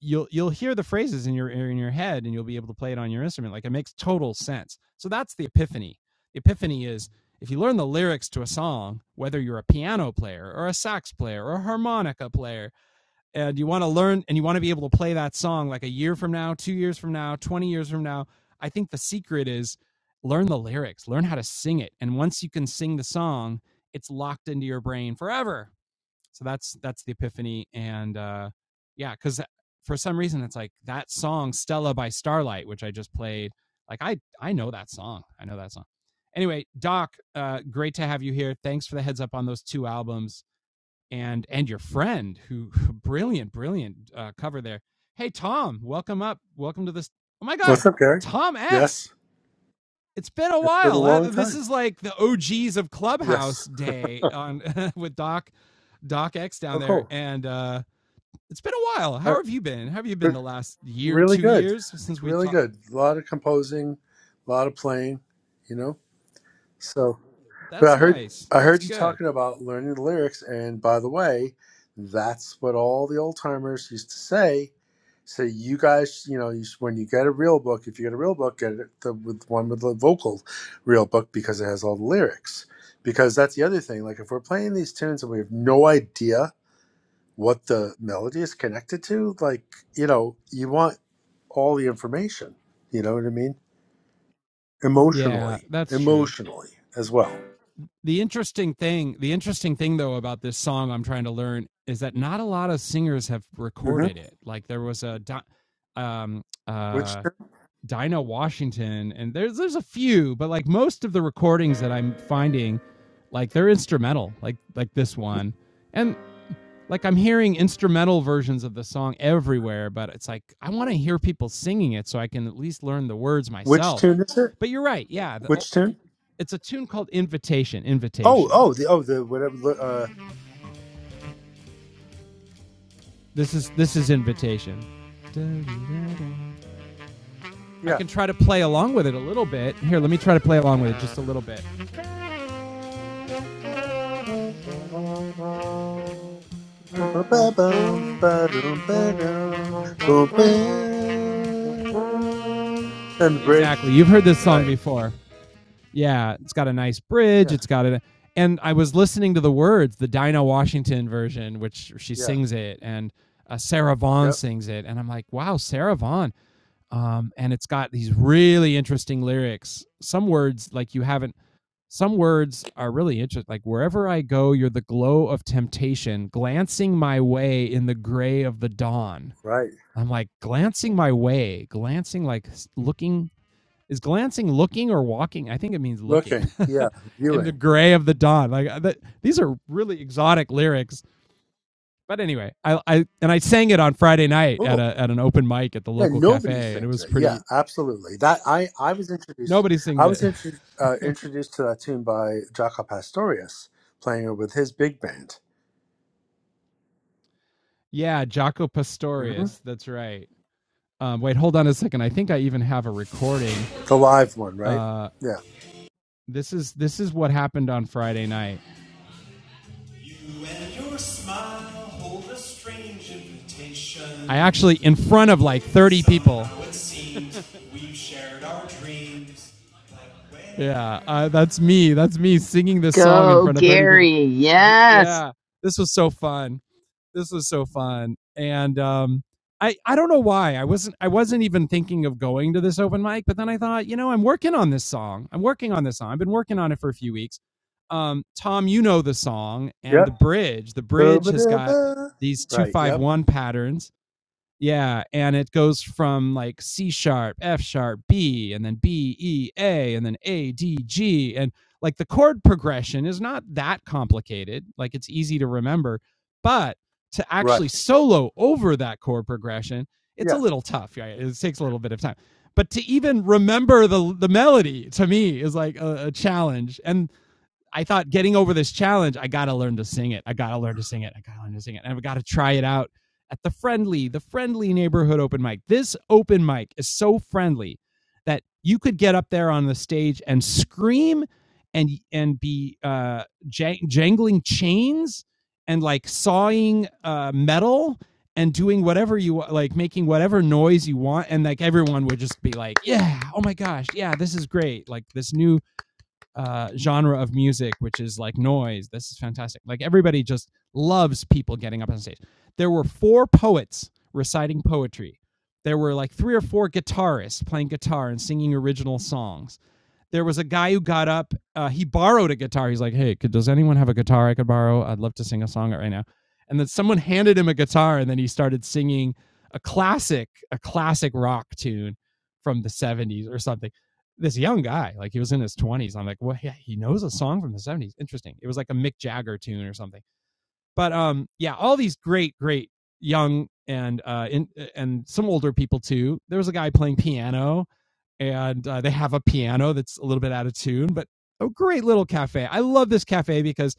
[SPEAKER 1] you'll you'll hear the phrases in your in your head and you'll be able to play it on your instrument like it makes total sense so that's the epiphany the epiphany is if you learn the lyrics to a song whether you're a piano player or a sax player or a harmonica player and you want to learn and you want to be able to play that song like a year from now 2 years from now 20 years from now i think the secret is learn the lyrics learn how to sing it and once you can sing the song it's locked into your brain forever so that's that's the epiphany and uh yeah because for some reason it's like that song stella by starlight which i just played like i i know that song i know that song anyway doc uh great to have you here thanks for the heads up on those two albums and and your friend who brilliant brilliant uh cover there hey tom welcome up welcome to this oh my god
[SPEAKER 4] What's up, Gary?
[SPEAKER 1] tom s
[SPEAKER 4] Yes,
[SPEAKER 1] it's been a
[SPEAKER 4] it's been a
[SPEAKER 1] while Uh,
[SPEAKER 4] long
[SPEAKER 1] this
[SPEAKER 4] time.
[SPEAKER 1] is like the og's of clubhouse
[SPEAKER 4] Yes.
[SPEAKER 1] day on with doc Doc X
[SPEAKER 4] Oh,
[SPEAKER 1] down there,
[SPEAKER 4] cool.
[SPEAKER 1] and uh, it's been a while.
[SPEAKER 4] Uh,
[SPEAKER 1] How have you been? How have you
[SPEAKER 4] but
[SPEAKER 1] been the last year,
[SPEAKER 4] really
[SPEAKER 1] two
[SPEAKER 4] good.
[SPEAKER 1] years since we
[SPEAKER 4] Really
[SPEAKER 1] talked?
[SPEAKER 4] good. A lot of composing, a lot of playing, you know? So, but I
[SPEAKER 1] That's
[SPEAKER 4] heard.
[SPEAKER 1] nice.
[SPEAKER 4] I
[SPEAKER 1] That's
[SPEAKER 4] heard you
[SPEAKER 1] good.
[SPEAKER 4] talking about learning the lyrics, and by the way, that's what all the old timers used to say. So you guys, you know, you, sh- when you get a real book, if you get a real book, get it the with one with the vocal real book because it has all the lyrics. Because that's the other thing. Like if we're playing these tunes and we have no idea what the melody is connected to like you know you want all the information you know what i mean
[SPEAKER 1] Yeah,
[SPEAKER 4] emotionally
[SPEAKER 1] that's true.
[SPEAKER 4] emotionally as well
[SPEAKER 1] The interesting thing, the interesting thing though about this song I'm trying to learn is that not a lot of singers have
[SPEAKER 4] hmm
[SPEAKER 1] recorded it. Like there was a Di- um
[SPEAKER 4] which
[SPEAKER 1] uh Dinah Washington and there's there's a few, but like most of the recordings that I'm finding like they're instrumental, like like this one. And like I'm hearing instrumental versions of the song everywhere, but it's like I want to hear people singing it so I can at least learn the words
[SPEAKER 4] which
[SPEAKER 1] myself.
[SPEAKER 4] tune is it
[SPEAKER 1] But you're right, yeah. The, oh,
[SPEAKER 4] which tune
[SPEAKER 1] it's a tune called Invitation.
[SPEAKER 4] oh
[SPEAKER 1] Invitation.
[SPEAKER 4] oh the oh the whatever uh
[SPEAKER 1] This is this is Invitation. I
[SPEAKER 4] yeah
[SPEAKER 1] can try to play along with it a little bit. Here, let me try to play along with it just a little bit.
[SPEAKER 4] and the bridge
[SPEAKER 1] Exactly. You've heard this song
[SPEAKER 4] right
[SPEAKER 1] before. Yeah, it's got a nice bridge.
[SPEAKER 4] yeah
[SPEAKER 1] It's got a and I was listening to the words, the Dinah Washington version, which she
[SPEAKER 4] yeah
[SPEAKER 1] sings it, and uh, Sarah Vaughan
[SPEAKER 4] yep
[SPEAKER 1] sings it, and I'm like, wow, Sarah Vaughan. Um, and it's got these really interesting lyrics. Some words like you haven't. Some words are really interesting. Like wherever I go, you're the glow of temptation, glancing my way in the gray of the dawn.
[SPEAKER 4] right
[SPEAKER 1] I'm like glancing my way, glancing like looking is glancing looking or walking? I think it means looking.
[SPEAKER 4] looking yeah
[SPEAKER 1] In the
[SPEAKER 4] viewing
[SPEAKER 1] gray of the dawn. Like uh, that, these are really exotic lyrics. But anyway, I, I and I sang it on Friday night at
[SPEAKER 4] cool
[SPEAKER 1] a at an open mic at the
[SPEAKER 4] Yeah,
[SPEAKER 1] local
[SPEAKER 4] nobody
[SPEAKER 1] cafe, and it
[SPEAKER 4] sings
[SPEAKER 1] was
[SPEAKER 4] it. Yeah,
[SPEAKER 1] pretty.
[SPEAKER 4] absolutely. That I I was introduced.
[SPEAKER 1] Nobody sings
[SPEAKER 4] I
[SPEAKER 1] it.
[SPEAKER 4] was intro, uh, introduced to that tune by Jaco Pastorius playing it with his big band.
[SPEAKER 1] yeah, Jaco
[SPEAKER 4] hmm
[SPEAKER 1] Pastorius. That's right. Um, wait, hold on a second. I think I even have a recording.
[SPEAKER 4] The live one, right?
[SPEAKER 1] Uh,
[SPEAKER 4] Yeah.
[SPEAKER 1] this is this is what happened on Friday night. I actually in front of like 30 people. Yeah, uh, that's me. That's me singing this song in
[SPEAKER 2] Go,
[SPEAKER 1] front of 30 people.
[SPEAKER 2] Gary. Yes.
[SPEAKER 1] yeah, this was so fun. This was so fun, and um, I I don't know why I wasn't I wasn't even thinking of going to this open mic, but then I thought, you know, I'm working on this song. I'm working on this song. I've been working on it for a few weeks. Um, Tom, you know the song and the
[SPEAKER 4] Yep.
[SPEAKER 1] bridge. The bridge has got
[SPEAKER 4] Ba-ba-da-ba.
[SPEAKER 1] these two
[SPEAKER 4] Right.
[SPEAKER 1] five
[SPEAKER 4] Yep.
[SPEAKER 1] one patterns yeah, and it goes from like C sharp, F sharp, B, and then B, E, A, and then A, D, G. And like the chord progression is not that complicated. Like it's easy to remember, but to
[SPEAKER 4] Right.
[SPEAKER 1] actually solo over that chord progression, it's a
[SPEAKER 4] Yeah.
[SPEAKER 1] little tough. Right? It takes a little bit of time. But to even remember the the melody to me is like a, a challenge. And I thought getting over this challenge, I gotta learn to sing it. I gotta learn to sing it. I gotta learn to sing it. And I've gotta try it out at the friendly, the friendly neighborhood open mic. This open mic is so friendly that you could get up there on the stage and scream and and be uh jang- jangling chains and like sawing uh metal and doing whatever you wa- like making whatever noise you want and like everyone would just be like yeah oh my gosh yeah this is great like this new uh, genre of music, which is like noise. This is fantastic. Like everybody just loves people getting up on stage. There were four poets reciting poetry. There were like three or four guitarists playing guitar and singing original songs there was a guy who got up. Uh, he borrowed a guitar. He's like, "Hey, could, does anyone have a guitar I could borrow? I'd love to sing a song right now." And then someone handed him a guitar, and then he started singing a classic, a classic rock tune from the '70s or something. This young guy, like he was in his 20s. I'm like, well, yeah, he knows a song from the '70s. Interesting. It was like a Mick Jagger tune or something. But um, yeah, all these great, great young and uh, in, and some older people too. There was a guy playing piano and uh, they have a piano that's a little bit out of tune, but a great little cafe. I love this cafe because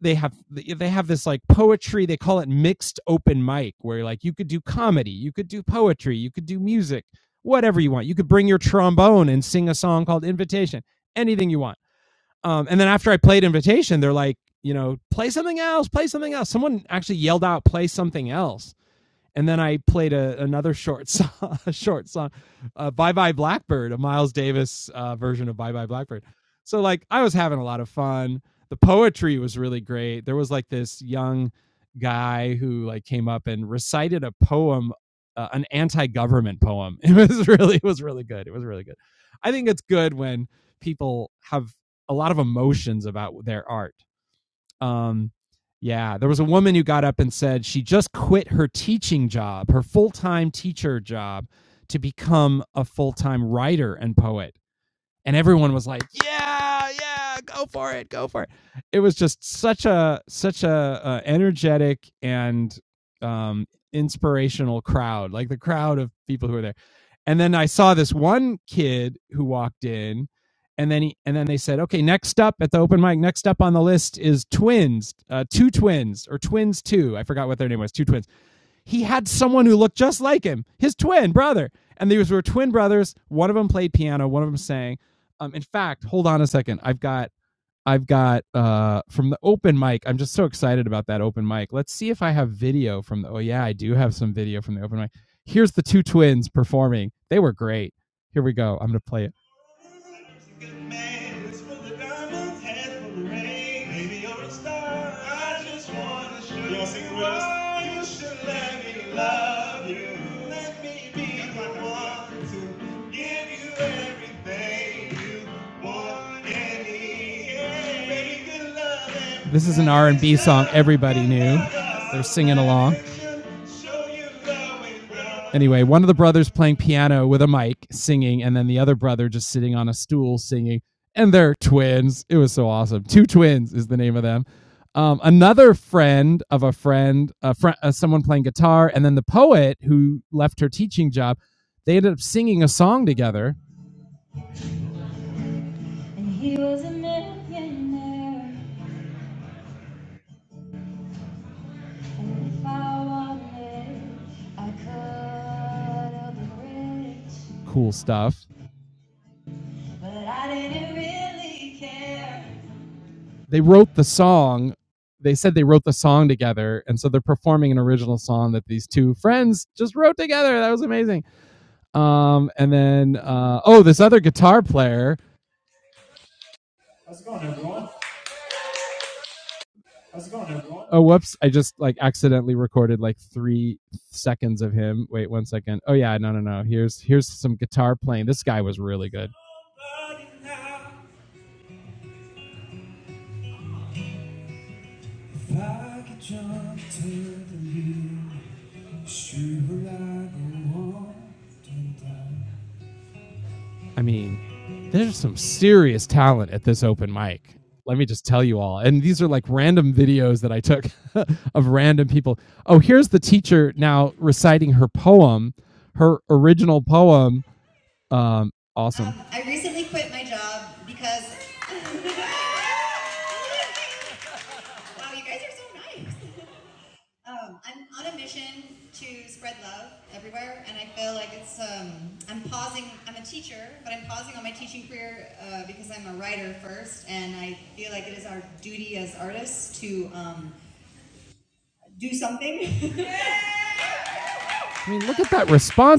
[SPEAKER 1] they have they have this like poetry. They call it mixed open mic, where like you could do comedy, you could do poetry, you could do music, whatever you want. You could bring your trombone and sing a song called Invitation, anything you want. Um, and then after I played Invitation, they're like, you know, play something else, play something else. Someone actually yelled out, play something else and then I played a, another short song, a short song, uh, "Bye Bye Blackbird," a Miles Davis uh, version of "Bye Bye Blackbird." So like I was having a lot of fun. The poetry was really great. There was like this young guy who like came up and recited a poem, uh, an anti-government poem. It was really it was really good. It was really good. I think it's good when people have a lot of emotions about their art um, yeah, there was a woman who got up and said she just quit her teaching job, her full time teacher job, to become a full time writer and poet and everyone was like, "Yeah, yeah, go for it, go for it." It was just such a such a uh, energetic and um, inspirational crowd, like the crowd of people who were there. And then I saw this one kid who walked in, and then he and then they said, "Okay, next up at the open mic, next up on the list is twins, uh, two twins or twins two. I forgot what their name was, two twins." he had someone who looked just like him, his twin brother. And these were twin brothers. One of them played piano, one of them sang. Um, in fact, hold on a second. I've got I've got uh from the open mic. I'm just so excited about that open mic. Let's see if I have video from the Oh yeah, I do have some video from the open mic. Here's the two twins performing. They were great. Here we go. I'm going to play it. This is an R&B song everybody knew. They're singing along. Anyway, one of the brothers playing piano with a mic singing, and then the other brother just sitting on a stool singing. And they're twins. It was so awesome. Two twins is the name of them. Um, another friend of a friend, a friend, uh, someone playing guitar, and then the poet who left her teaching job. They ended up singing a song together. And he was a millionaire. And if I wanted, I could have been rich. Cool stuff. But I didn't really care. They wrote the song. They said they wrote the song together, and so they're performing an original song that these two friends just wrote together. That was amazing. Um, and then uh, oh, this other guitar player. Oh, whoops! I just like accidentally recorded like three seconds of him. Wait one second. Oh yeah, no, no, no. Here's here's some guitar playing. This guy was really good. I mean, there's some serious talent at this open mic. Let me just tell you all. And these are like random videos that I took of random people. Oh, here's the teacher now reciting her poem, her original poem. Um, awesome. I mean, look at that response.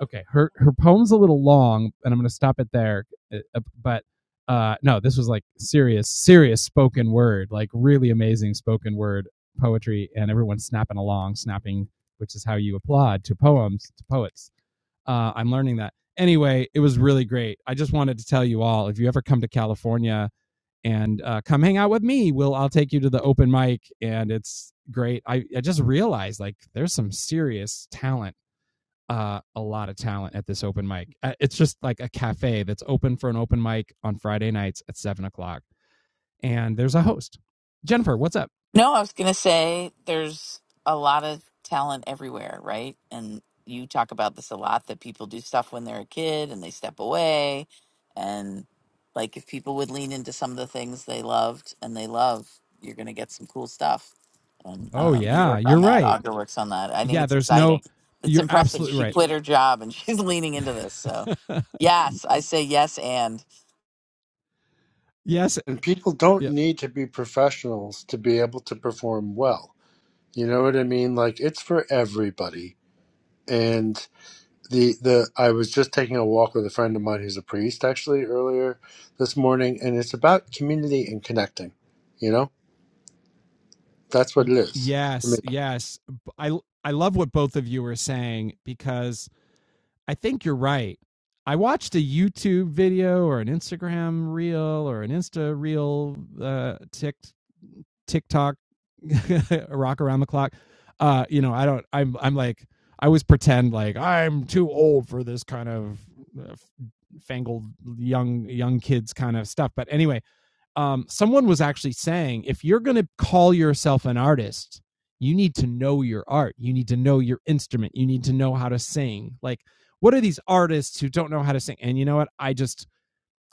[SPEAKER 1] okay her her poem's a little long and i'm gonna stop it there uh, uh, but uh no this was like serious serious spoken word like really amazing spoken word poetry and everyone's snapping along snapping which is how you applaud to poems to poets uh i'm learning that anyway it was really great i just wanted to tell you all if you ever come to california and uh, come hang out with me will i'll take you to the open mic and it's great i, I just realized like there's some serious talent uh, a lot of talent at this open mic. Uh, It's just like a cafe that's open for an open mic on Friday nights at seven o'clock, and there's a host. Jennifer, what's up?
[SPEAKER 2] No, I was going to say there's a lot of talent everywhere, right? And you talk about this a lot that people do stuff when they're a kid and they step away. And like if people would lean into some of the things they loved and they love, you're going to get some cool stuff. And I don't
[SPEAKER 1] Oh
[SPEAKER 2] know, you
[SPEAKER 1] yeah,
[SPEAKER 2] work
[SPEAKER 1] you're
[SPEAKER 2] on that,
[SPEAKER 1] right.
[SPEAKER 2] Audra works on that. I think
[SPEAKER 1] Yeah,
[SPEAKER 2] it's
[SPEAKER 1] there's no.
[SPEAKER 2] exciting. It's
[SPEAKER 1] You're
[SPEAKER 2] impressive.
[SPEAKER 1] absolutely
[SPEAKER 2] She
[SPEAKER 1] right.
[SPEAKER 2] quit her job and she's leaning into this. So, yes, I say yes. And
[SPEAKER 1] yes.
[SPEAKER 4] And people don't
[SPEAKER 1] Yeah.
[SPEAKER 4] need to be professionals to be able to perform well. You know what I mean? Like it's for everybody. And the the I was just taking a walk with a friend of mine who's a priest actually earlier this morning, and it's about community and connecting. You know, that's what it is. I
[SPEAKER 1] yes,
[SPEAKER 4] mean,
[SPEAKER 1] Yes. I I love what both of you are saying because I think you're right. I watched a YouTube video or an Instagram reel or an Insta reel, uh, tick, TikTok, rock around the clock. Uh, you know, I don't. I'm. I'm like. I always pretend like I'm too old for this kind of uh, fangled young young kids kind of stuff. But anyway, um, someone was actually saying if you're going to call yourself an artist, you need to know your art. You need to know your instrument. You need to know how to sing. Like, what are these artists who don't know how to sing? And you know what? I just,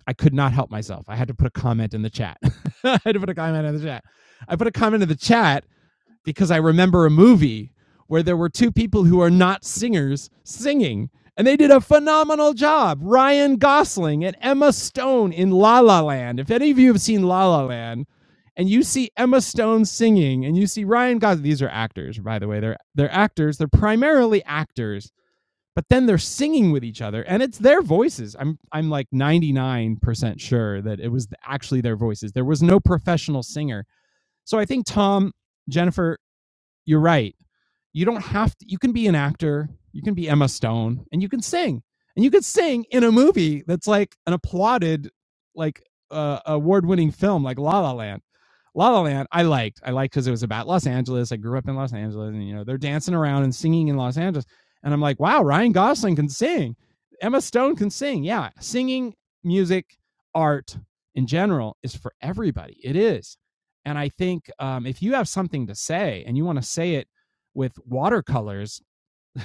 [SPEAKER 1] I could not help myself. I had to put a comment in the chat. I had to put a comment in the chat. I put a comment in the chat because I remember a movie where there were two people who are not singers singing, and they did a phenomenal job. Ryan Gosling and Emma Stone in La La Land. If any of you have seen La La Land, and you see Emma Stone singing, and you see Ryan Gosling, these are actors, by the way. They're they're actors. They're primarily actors, but then they're singing with each other, and it's their voices. I'm I'm like 99% sure that it was actually their voices. There was no professional singer. So I think Tom Jennifer you're right you don't have to you can be an actor you can be emma stone and you can sing and you can sing in a movie that's like an applauded like uh, award-winning film like la la land la la land i liked i liked because it was about los angeles i grew up in los angeles and you know they're dancing around and singing in los angeles and i'm like wow ryan gosling can sing emma stone can sing yeah singing music art in general is for everybody it is and i think um, if you have something to say and you want to say it with watercolors,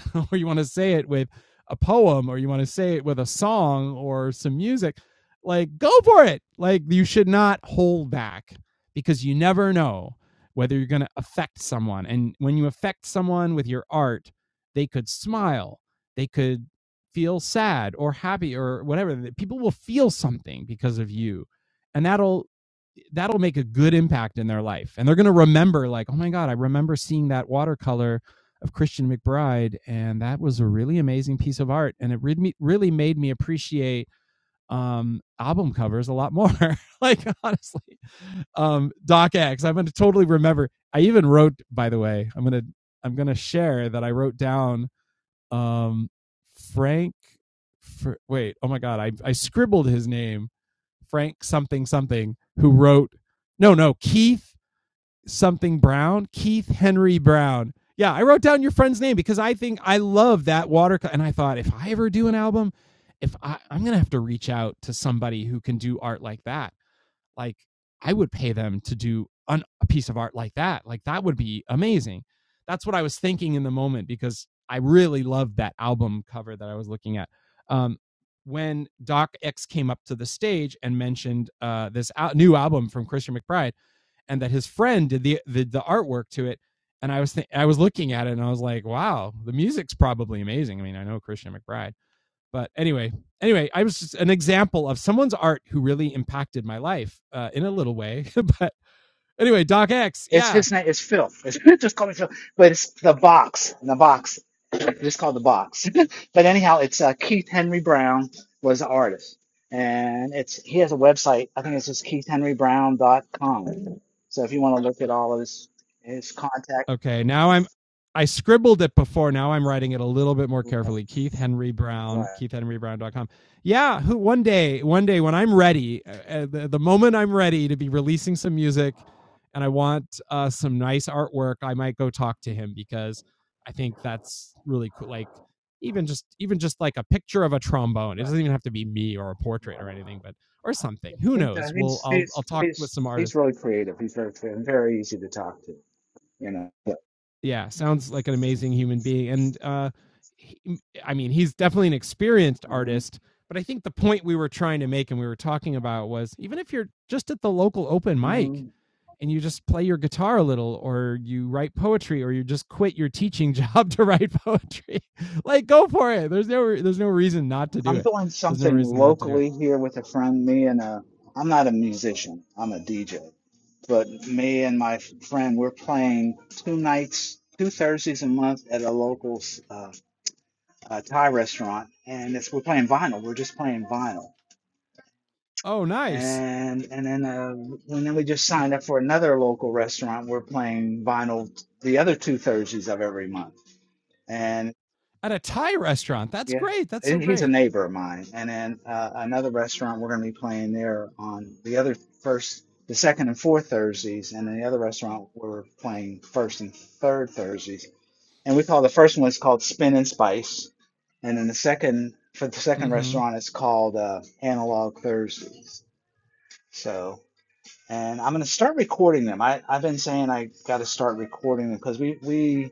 [SPEAKER 1] or you want to say it with a poem, or you want to say it with a song or some music, like go for it. Like you should not hold back because you never know whether you're going to affect someone. And when you affect someone with your art, they could smile, they could feel sad or happy or whatever. People will feel something because of you. And that'll that'll make a good impact in their life and they're going to remember like oh my god i remember seeing that watercolor of Christian McBride, and that was a really amazing piece of art, and it really really made me appreciate um album covers a lot more like honestly um doc x i'm gonna totally remember i even wrote by the way i'm gonna i'm gonna share that i wrote down um frank for wait oh my god i i scribbled his name frank something something who wrote no no keith something Brown, Keith Henry Brown. Yeah, I wrote down your friend's name because I think I love that watercolor. And I thought if I ever do an album, if I, I'm gonna have to reach out to somebody who can do art like that, like I would pay them to do an, a piece of art like that. Like that would be amazing. That's what I was thinking in the moment because I really loved that album cover that I was looking at. Um, when Doc X came up to the stage and mentioned uh, this al- new album from Christian McBride, and that his friend did the the, the artwork to it. And I was th- I was looking at it and I was like, wow, the music's probably amazing. I mean, I know Christian McBride, but anyway, anyway, I was just an example of someone's art who really impacted my life uh, in a little way. but anyway, Doc X,
[SPEAKER 3] It's
[SPEAKER 1] yeah,
[SPEAKER 3] his name. It's Phil. It's, just call me Phil. But it's the box. The box. Just called the box. but anyhow, it's uh, Keith Henry Brown was the artist, and it's he has a website. I think it's just keith henry brown dot com. So if you want to look at all of his his contact,
[SPEAKER 1] Okay, now I'm I scribbled it before. Now I'm writing it a little bit more
[SPEAKER 3] right,
[SPEAKER 1] carefully. Keith Henry
[SPEAKER 3] right.
[SPEAKER 1] Brown, keithhenrybrown.com. Yeah, who one day, one day when I'm ready, uh, uh, the, the moment I'm ready to be releasing some music and I want uh, some nice artwork, I might go talk to him because I think that's really cool. Like even just even just like a picture of a trombone. It doesn't even have to be me or a portrait or anything, but or something. Who
[SPEAKER 3] right. He- uh,
[SPEAKER 1] knows? We'll
[SPEAKER 3] He's
[SPEAKER 1] I'll I'll
[SPEAKER 3] he's
[SPEAKER 1] talk with
[SPEAKER 3] he's
[SPEAKER 1] some artists.
[SPEAKER 3] he's really creative. He's very creative and very easy to talk to. You know. Yeah.
[SPEAKER 1] yeah sounds like an amazing human being and uh he, i mean he's definitely an experienced
[SPEAKER 3] Mhm,
[SPEAKER 1] artist but i think the point we were trying to make and we were talking about was even if you're just at the local open
[SPEAKER 3] mhm.
[SPEAKER 1] mic and you just play your guitar a little or you write poetry or you just quit your teaching job to write poetry like go for it there's no there's no reason not to do
[SPEAKER 3] I'm
[SPEAKER 1] it
[SPEAKER 3] doing
[SPEAKER 1] there's no
[SPEAKER 3] something
[SPEAKER 1] reason not to do it
[SPEAKER 3] locally here with a friend. Me and a, I'm not a musician. I'm a DJ. But me and my f- friend, we're playing two nights, two Thursdays a month at a local uh, uh, Thai restaurant, and it's we're playing vinyl. We're just playing vinyl.
[SPEAKER 1] oh nice
[SPEAKER 3] And and then uh, and then we just signed up for another local restaurant. We're playing vinyl the other two Thursdays of every month. And.
[SPEAKER 1] at a thai restaurant that's
[SPEAKER 3] Yeah,
[SPEAKER 1] great that's so
[SPEAKER 3] and he's a
[SPEAKER 1] great
[SPEAKER 3] neighbor of mine. And then uh, another restaurant we're going to be playing there on the other first, the second and fourth Thursdays, and then the other restaurant we're playing first and third Thursdays. And we call the first one it's called Spin and Spice, and then the second for the second
[SPEAKER 1] mm-hmm
[SPEAKER 3] restaurant it's called uh, Analog Thursdays. So, and I'm going to start recording them. I I've been saying I got to start recording them because we we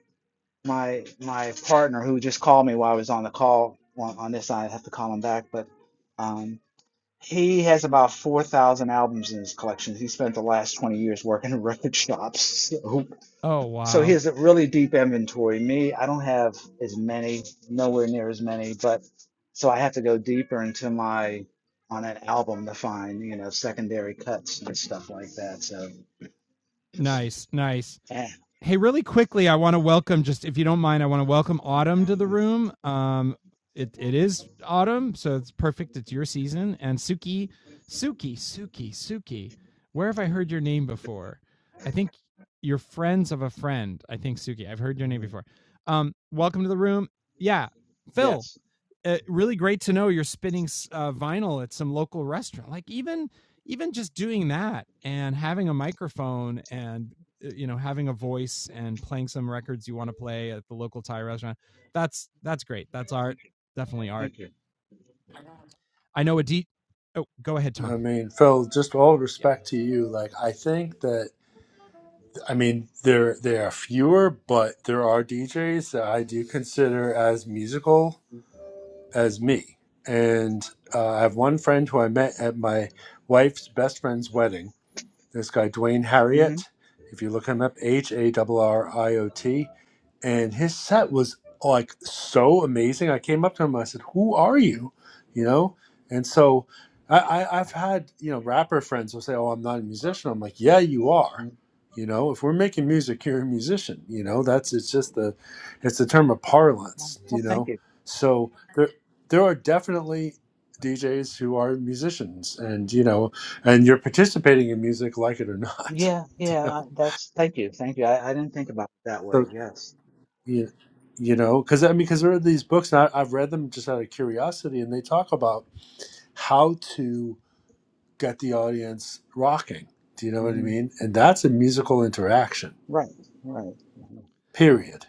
[SPEAKER 3] my my partner who just called me while I was on the call on, on this side. I have to call him back, but um, he has about four thousand albums in his collection. He spent the last twenty years working in record shops, so
[SPEAKER 1] oh
[SPEAKER 3] so he
[SPEAKER 1] wow
[SPEAKER 3] has a really deep inventory. Me, I don't have as many, nowhere near as many, but so I have to go deeper into my on an album to find you know secondary cuts and stuff like that. So
[SPEAKER 1] nice nice
[SPEAKER 3] eh,
[SPEAKER 1] Hey, really quickly, I want to welcome just if you don't mind, I want to welcome Autumn to the room. Um, it it is autumn, so it's perfect. It's your season. And Suki, Suki, Suki, Suki. Where have I heard your name before? I think you're friends of a friend. I think Suki. I've heard your name before. Um, welcome to the room. Yeah, Phil
[SPEAKER 3] yes,
[SPEAKER 1] uh, really great to know you're spinning uh, vinyl at some local restaurant. Like even even just doing that and having a microphone and uh, you know having a voice and playing some records you want to play at the local Thai restaurant. That's that's great. That's art.
[SPEAKER 3] thank you.
[SPEAKER 1] Definitely art.
[SPEAKER 3] Thank
[SPEAKER 1] I know a D. Oh, go ahead,
[SPEAKER 4] I
[SPEAKER 1] Tom.
[SPEAKER 4] mean, Phil, just all
[SPEAKER 1] Yeah.
[SPEAKER 4] respect to you. Like, I think that I mean there there are fewer, but there are DJs that I do consider as musical as me, and uh, I have one friend who I met at my wife's best friend's wedding This guy, Dwayne
[SPEAKER 3] you.
[SPEAKER 4] Harriott, if you look him up, H A R R I O T, and his set was like so amazing. I came up to him, I said, "Who are
[SPEAKER 3] hmm
[SPEAKER 4] you?" You know, and so I, I I've had you know rapper friends who say, "Oh, I'm not a musician." I'm like, "Yeah, you are." You know, if we're making music, you're a musician. You know, that's it's just the it's the term of
[SPEAKER 3] Oh,
[SPEAKER 4] parlance.
[SPEAKER 3] Well,
[SPEAKER 4] You
[SPEAKER 3] thank
[SPEAKER 4] know,
[SPEAKER 3] you.
[SPEAKER 4] so there there are definitely DJs who are musicians, and you know, and you're participating in music, like it or not.
[SPEAKER 3] Yeah, yeah, I- that's thank you, thank you. I, I didn't think about it that way.
[SPEAKER 4] You know, so
[SPEAKER 3] Yes.
[SPEAKER 4] you, you know, because I mean, because there are these books, and I, I've read them just out of curiosity, and they talk about how to get the audience rocking. Do you know what I
[SPEAKER 3] hmm
[SPEAKER 4] mean? And that's a musical interaction.
[SPEAKER 3] Right, right. right.
[SPEAKER 4] Period.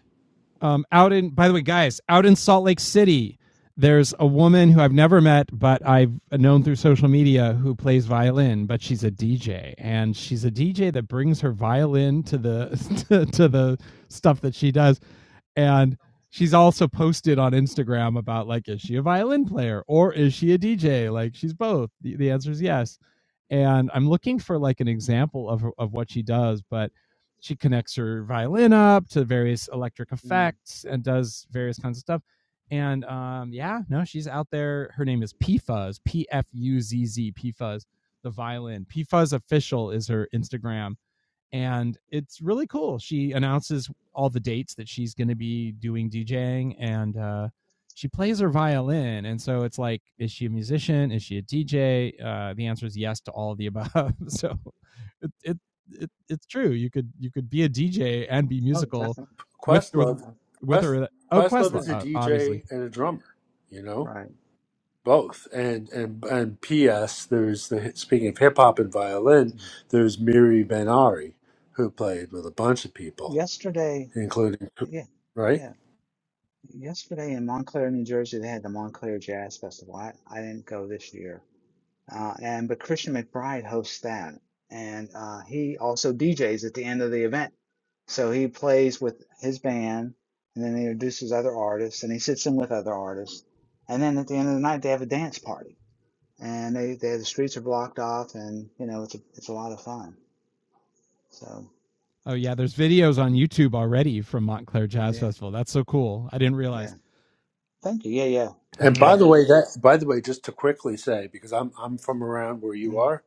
[SPEAKER 1] Um, out in, by the way, guys, out in Salt Lake City, there's a woman who I've never met, but I've known through social media who plays violin, but she's a DJ, and she's a DJ that brings her violin to the to, to the stuff that she does, and she's also posted on Instagram about like, is she a violin player or is she a DJ? Like, she's both. The, the answer is yes, and I'm looking for like an example of of what she does, but she connects her violin up to various electric
[SPEAKER 3] Mm.
[SPEAKER 1] effects and does various kinds of stuff. And um, yeah, no, she's out there. Her name is P Fuzz, P F U Z Z, P Fuzz, the violin. P Fuzz official is her Instagram and it's really cool. She announces all the dates that she's going to be doing DJing, and uh, she plays her violin. And so it's like, is she a musician? Is she a DJ? Uh, the answer is yes to all of the above. so it, it it it's true. You could you could be a DJ and be
[SPEAKER 3] Oh,
[SPEAKER 1] musical
[SPEAKER 3] definitely.
[SPEAKER 1] with or
[SPEAKER 4] Questlove,
[SPEAKER 3] Uh,
[SPEAKER 1] with
[SPEAKER 4] Quest
[SPEAKER 1] her. Oh,
[SPEAKER 4] Questlove
[SPEAKER 1] Questlove,
[SPEAKER 4] is
[SPEAKER 3] yeah,
[SPEAKER 4] a
[SPEAKER 1] uh, obviously.
[SPEAKER 4] DJ and a drummer. You know,
[SPEAKER 3] right.
[SPEAKER 4] both. And and and P.S. There's the speaking of hip hop and violin.
[SPEAKER 3] Mm.
[SPEAKER 4] There's Miri Benari, who played with a bunch of people
[SPEAKER 3] Yesterday,
[SPEAKER 4] including
[SPEAKER 3] yeah,
[SPEAKER 4] right.
[SPEAKER 3] yeah. Yesterday in Montclair, New Jersey, they had the Montclair Jazz Festival. I, I didn't go this year. uh, and but Christian McBride hosts that, and uh, he also DJs at the end of the event. So he plays with his band, and then he introduces other artists, and he sits in with other artists, and then at the end of the night they have a dance party, and they, they the streets are blocked off, and you know it's a it's a lot of fun. So
[SPEAKER 1] Oh yeah, there's videos on YouTube already from Montclair Jazz
[SPEAKER 3] yeah,
[SPEAKER 1] Festival. That's so cool. I didn't realize.
[SPEAKER 3] yeah, thank you, yeah, yeah,
[SPEAKER 1] I've
[SPEAKER 4] And
[SPEAKER 1] heard
[SPEAKER 4] by
[SPEAKER 1] of.
[SPEAKER 4] the way, that by the way, just to quickly say because I'm I'm from around where you
[SPEAKER 3] mm,
[SPEAKER 4] are,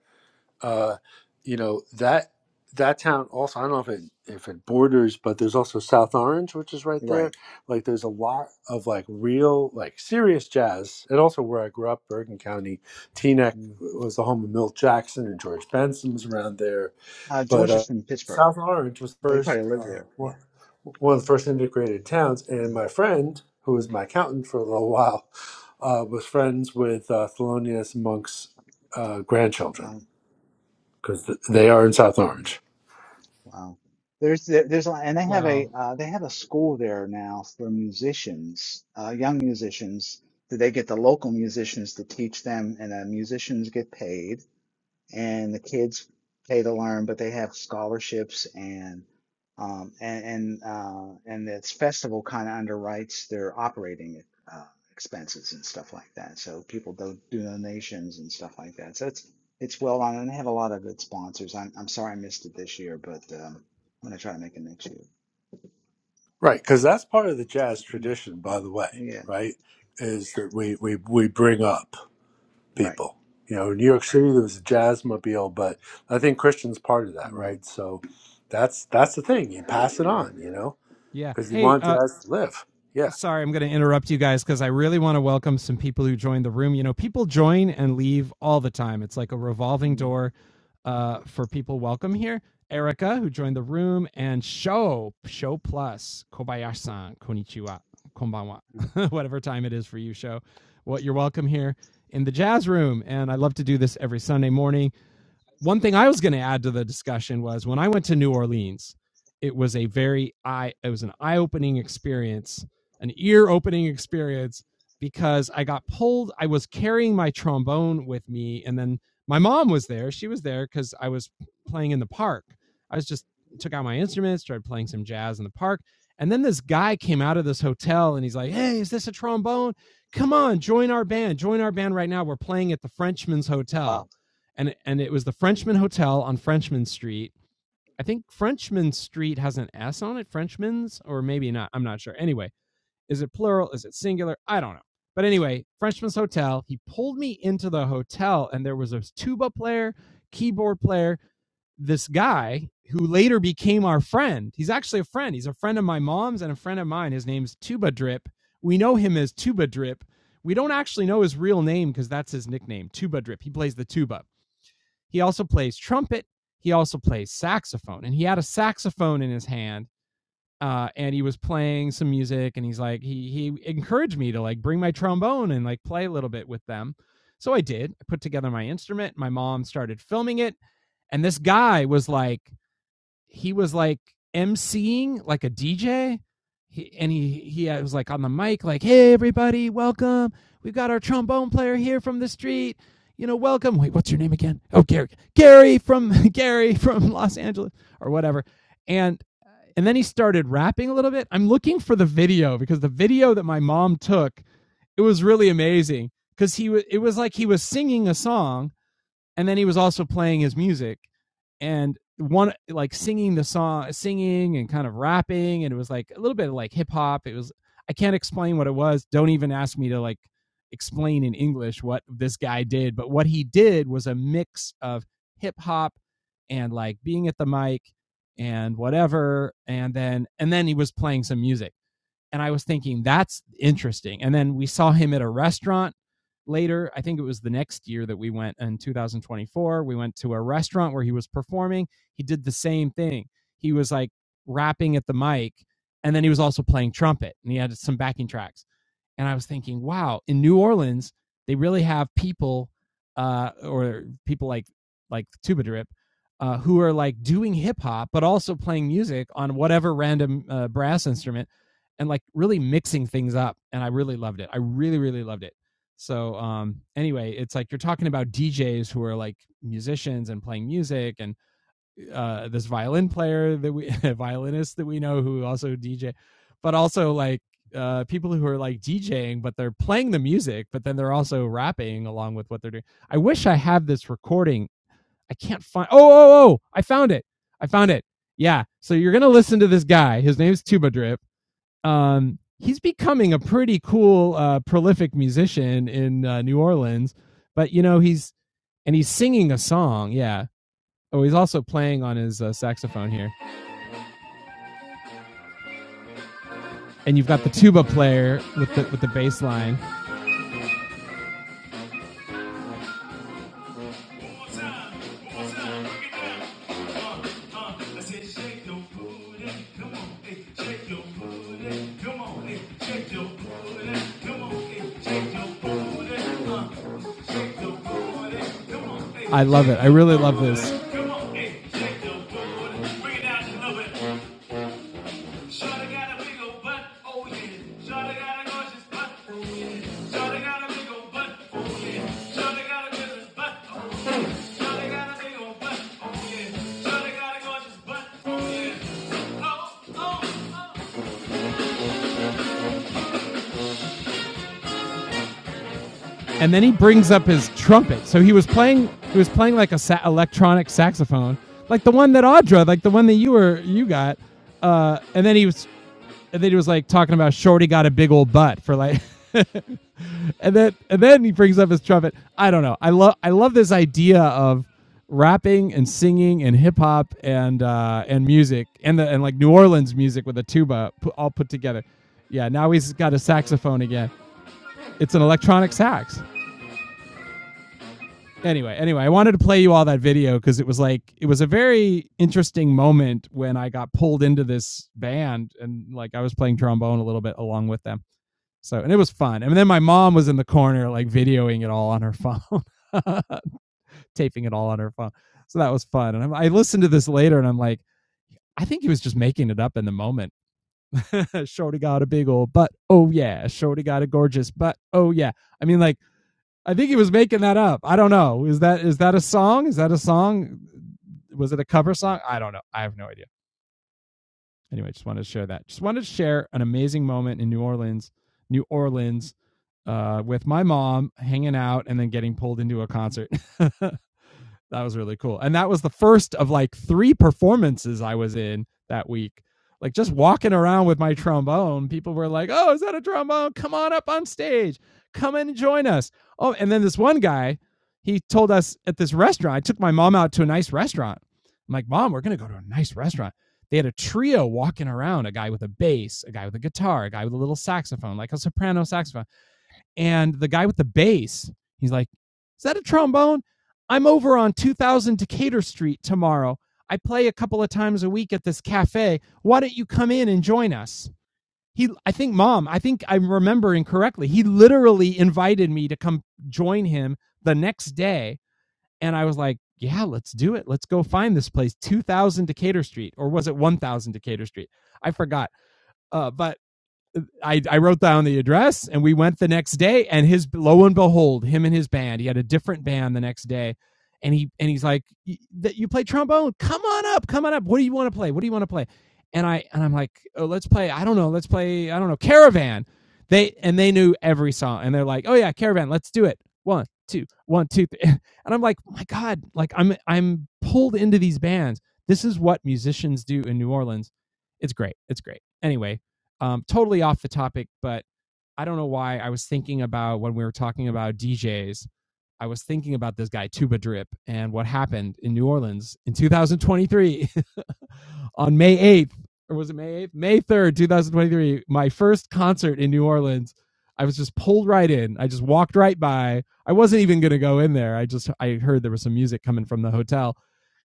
[SPEAKER 4] uh, you know that that town also I don't know if it if it borders, but there's also South Orange, which is right there.
[SPEAKER 3] right.
[SPEAKER 4] Like there's a lot of like real like serious jazz, and also where I grew up, Bergen County, Teaneck
[SPEAKER 3] Mm.
[SPEAKER 4] was the home of Milt Jackson and George Benson was around there
[SPEAKER 3] Uh,
[SPEAKER 4] but
[SPEAKER 3] George is
[SPEAKER 4] uh,
[SPEAKER 3] from Pittsburgh,
[SPEAKER 4] South Orange was
[SPEAKER 3] but he probably
[SPEAKER 4] first
[SPEAKER 3] lives
[SPEAKER 4] uh,
[SPEAKER 3] there.
[SPEAKER 4] one
[SPEAKER 3] Yeah,
[SPEAKER 4] one of the first integrated towns, and
[SPEAKER 3] mm,
[SPEAKER 4] my friend, who was
[SPEAKER 3] mm,
[SPEAKER 4] my accountant for a little while, uh, was friends with uh, Thelonious Monk's uh, grandchildren
[SPEAKER 3] wow.
[SPEAKER 4] because th- they are in South
[SPEAKER 3] Mm-hmm.
[SPEAKER 4] Orange,
[SPEAKER 3] Wow. There's there- there's a lot, and they have a
[SPEAKER 1] Wow.
[SPEAKER 3] uh, they have a school there now for musicians, uh, young musicians. That they get the local musicians to teach them, and the musicians get paid and the kids pay to learn, but they have scholarships and um, and and, uh, and this festival kind of underwrites their operating uh, expenses and stuff like that. So people do, do donations and stuff like that. So it's it's well run and they have a lot of good sponsors. I'm I'm sorry I missed it this year, but um, I'm gonna try to make it next year.
[SPEAKER 4] right? Because that's part of the jazz
[SPEAKER 3] Mm,
[SPEAKER 4] tradition, by the way,
[SPEAKER 3] Yeah,
[SPEAKER 4] right? Is that we we we bring up
[SPEAKER 3] right,
[SPEAKER 4] people. You know, in New York City there was a jazz mobile, but I think Christian's part of that,
[SPEAKER 3] Mm,
[SPEAKER 4] right? So that's that's the thing. You pass it on,
[SPEAKER 3] right.
[SPEAKER 4] you know
[SPEAKER 1] Yeah.
[SPEAKER 4] because you
[SPEAKER 1] Hey,
[SPEAKER 4] want
[SPEAKER 1] uh,
[SPEAKER 4] that to live. Yeah.
[SPEAKER 1] Sorry, I'm going to interrupt you guys because I really want to welcome some people who joined the room. You know, people join and leave all the time. It's like a revolving
[SPEAKER 3] Mm,
[SPEAKER 1] door uh, for people welcome here. Erica, who joined the room, and Show, Show Plus, Kobayashi-san, Konnichiwa, Konbanwa,
[SPEAKER 3] mm.
[SPEAKER 1] whatever time it is for you, Show. Well, you're welcome here in the jazz room. And I love to do this every Sunday morning one thing I was going to add to the discussion was when I went to New Orleans, it was a very eye it was an eye-opening experience, an ear-opening experience because I got pulled I was carrying my trombone with me and then my mom was there. She was there cuz I was playing in the park. I was just took out my instruments, started playing some jazz in the park. And then this guy came out of this hotel and he's like, "Hey, is this a trombone? Come on, join our band. Join our band right now. We're playing at the Frenchman's
[SPEAKER 3] Wow.
[SPEAKER 1] Hotel." and and it was the Frenchman Hotel on Frenchman Street. I think Frenchman Street has an S on it, Frenchman's, or maybe not. I'm not sure. Anyway, is it plural? Is it singular? I don't know. But anyway, Frenchman's Hotel. He pulled me into the hotel, and there was a tuba player, keyboard player, this guy who later became our friend. He's actually a friend. He's a friend of my mom's and a friend of mine. His name's Tuba Drip. We know him as Tuba Drip. We don't actually know his real name because that's his nickname, Tuba Drip. He plays the tuba. He also plays trumpet. He also plays saxophone, and he had a saxophone in his hand. Uh, and he was playing some music, and he's like, he he encouraged me to like bring my trombone and like play a little bit with them. So I did. I put together my instrument. My mom started filming it, and this guy was like, he was like emceeing like a DJ. He, and he he uh, was like on the mic, like, "Hey everybody, welcome. We've got our trombone player here from the street. You know, welcome. Wait, what's your name again? Oh, Gary. Gary from Gary from Los Angeles or whatever." And and then he started rapping a little bit. I'm looking for the video because the video that my mom took, it was really amazing because he was it was like he was singing a song and then he was also playing his music and one like singing the song singing and kind of rapping and it was like a little bit of like hip hop it was i can't explain what it was don't even ask me to like explain in english what this guy did but what he did was a mix of hip hop and like being at the mic and whatever and then and then he was playing some music and I was thinking that's interesting. And then we saw him at a restaurant later. I think it was the next year that we went in 2024. We went to a restaurant where he was performing. He did the same thing. He was like rapping at the mic, and then he was also playing trumpet, and he had some backing tracks. And I was thinking, wow, in New Orleans, they really have people uh, or people like like Tubadrip uh, who are like doing hip hop, but also playing music on whatever random uh, brass instrument and like really mixing things up. And I really loved it. I really, really loved it. So um, anyway, it's like you're talking about DJs who are like musicians and playing music and uh this violin player that we violinist that we know who also DJ, but also like uh people who are like DJing but they're playing the music but then they're also rapping along with what they're doing. I wish I have this recording. I can't find Oh oh oh, oh, I found it. I found it. Yeah. So you're going to listen to this guy. His name's Tuba Drip. Um he's becoming a pretty cool uh prolific musician in uh, New Orleans, but you know he's and he's singing a song. Yeah. Oh, he's also playing on his uh, saxophone here, and you've got the tuba player with the with the bass line. Love it. I really love this. And then he brings up his trumpet. So he was playing he was playing like a sa- electronic saxophone, like the one that Audra, like the one that you were you got. Uh, and then he was and then he was like talking about Shorty got a big old butt for like, and then and then he brings up his trumpet. I don't know. I love I love this idea of rapping and singing and hip hop and uh, and music and the and like New Orleans music with a tuba pu- all put together. Yeah, now he's got a saxophone again. It's an electronic sax. Anyway, anyway, I wanted to play you all that video because it was like it was a very interesting moment when I got pulled into this band and like I was playing trombone a little bit along with them. So and it was fun. And then my mom was in the corner like videoing it all on her phone, taping it all on her phone. So that was fun. And I'm, I listened to this later and I'm like, I think he was just making it up in the moment. Shorty got a big old butt. Oh yeah. Shorty got a gorgeous butt. Oh yeah. I mean like I think he was making that up. I don't know. Is that is that a song? Is that a song? Was it a cover song? I don't know. I have no idea. anyway, just wanted to share that. Just wanted to share an amazing moment in New Orleans, New Orleans, uh, with my mom hanging out and then getting pulled into a concert. uh, that was really cool. And that was the first of like three performances I was in that week. Like just walking around with my trombone, people were like, "Oh, is that a trombone? Come on up on stage. Come and join us." Oh, and then this one guy, he told us at this restaurant. I took my mom out to a nice restaurant. I'm like, "Mom, we're going to go to a nice restaurant." They had a trio walking around, a guy with a bass, a guy with a guitar, a guy with a little saxophone, like a soprano saxophone and the guy with the bass, he's like, Is that a trombone? I'm over on 2000 Decatur Street tomorrow. I play a couple of times a week at this cafe. Why don't you come in and join us? He, I think, mom, I think I'm remembering correctly. He literally invited me to come join him the next day. And I was like, yeah, let's do it. Let's go find this place, 2000 Decatur Street, or was it 1000 Decatur Street? I forgot. Uh, but I, I wrote down the address and we went the next day and his lo and behold him and his band he had a different band the next day and he and he's like that you play trombone come on up come on up what do you want to play what do you want to play and i and i'm like oh let's play i don't know let's play i don't know caravan they and they knew every song and they're like oh yeah caravan let's do it one two one two three. and i'm like oh my god like i'm i'm pulled into these bands this is what musicians do in new orleans it's great it's great anyway um, totally off the topic, but I don't know why I was thinking about when we were talking about DJs. I was thinking about this guy Tuba Drip and what happened in New Orleans in 2023 on May 8th or was it May 8th? May 3rd, 2023, my first concert in New Orleans. I was just pulled right in. I just walked right by. I wasn't even going to go in there. I just I heard there was some music coming from the hotel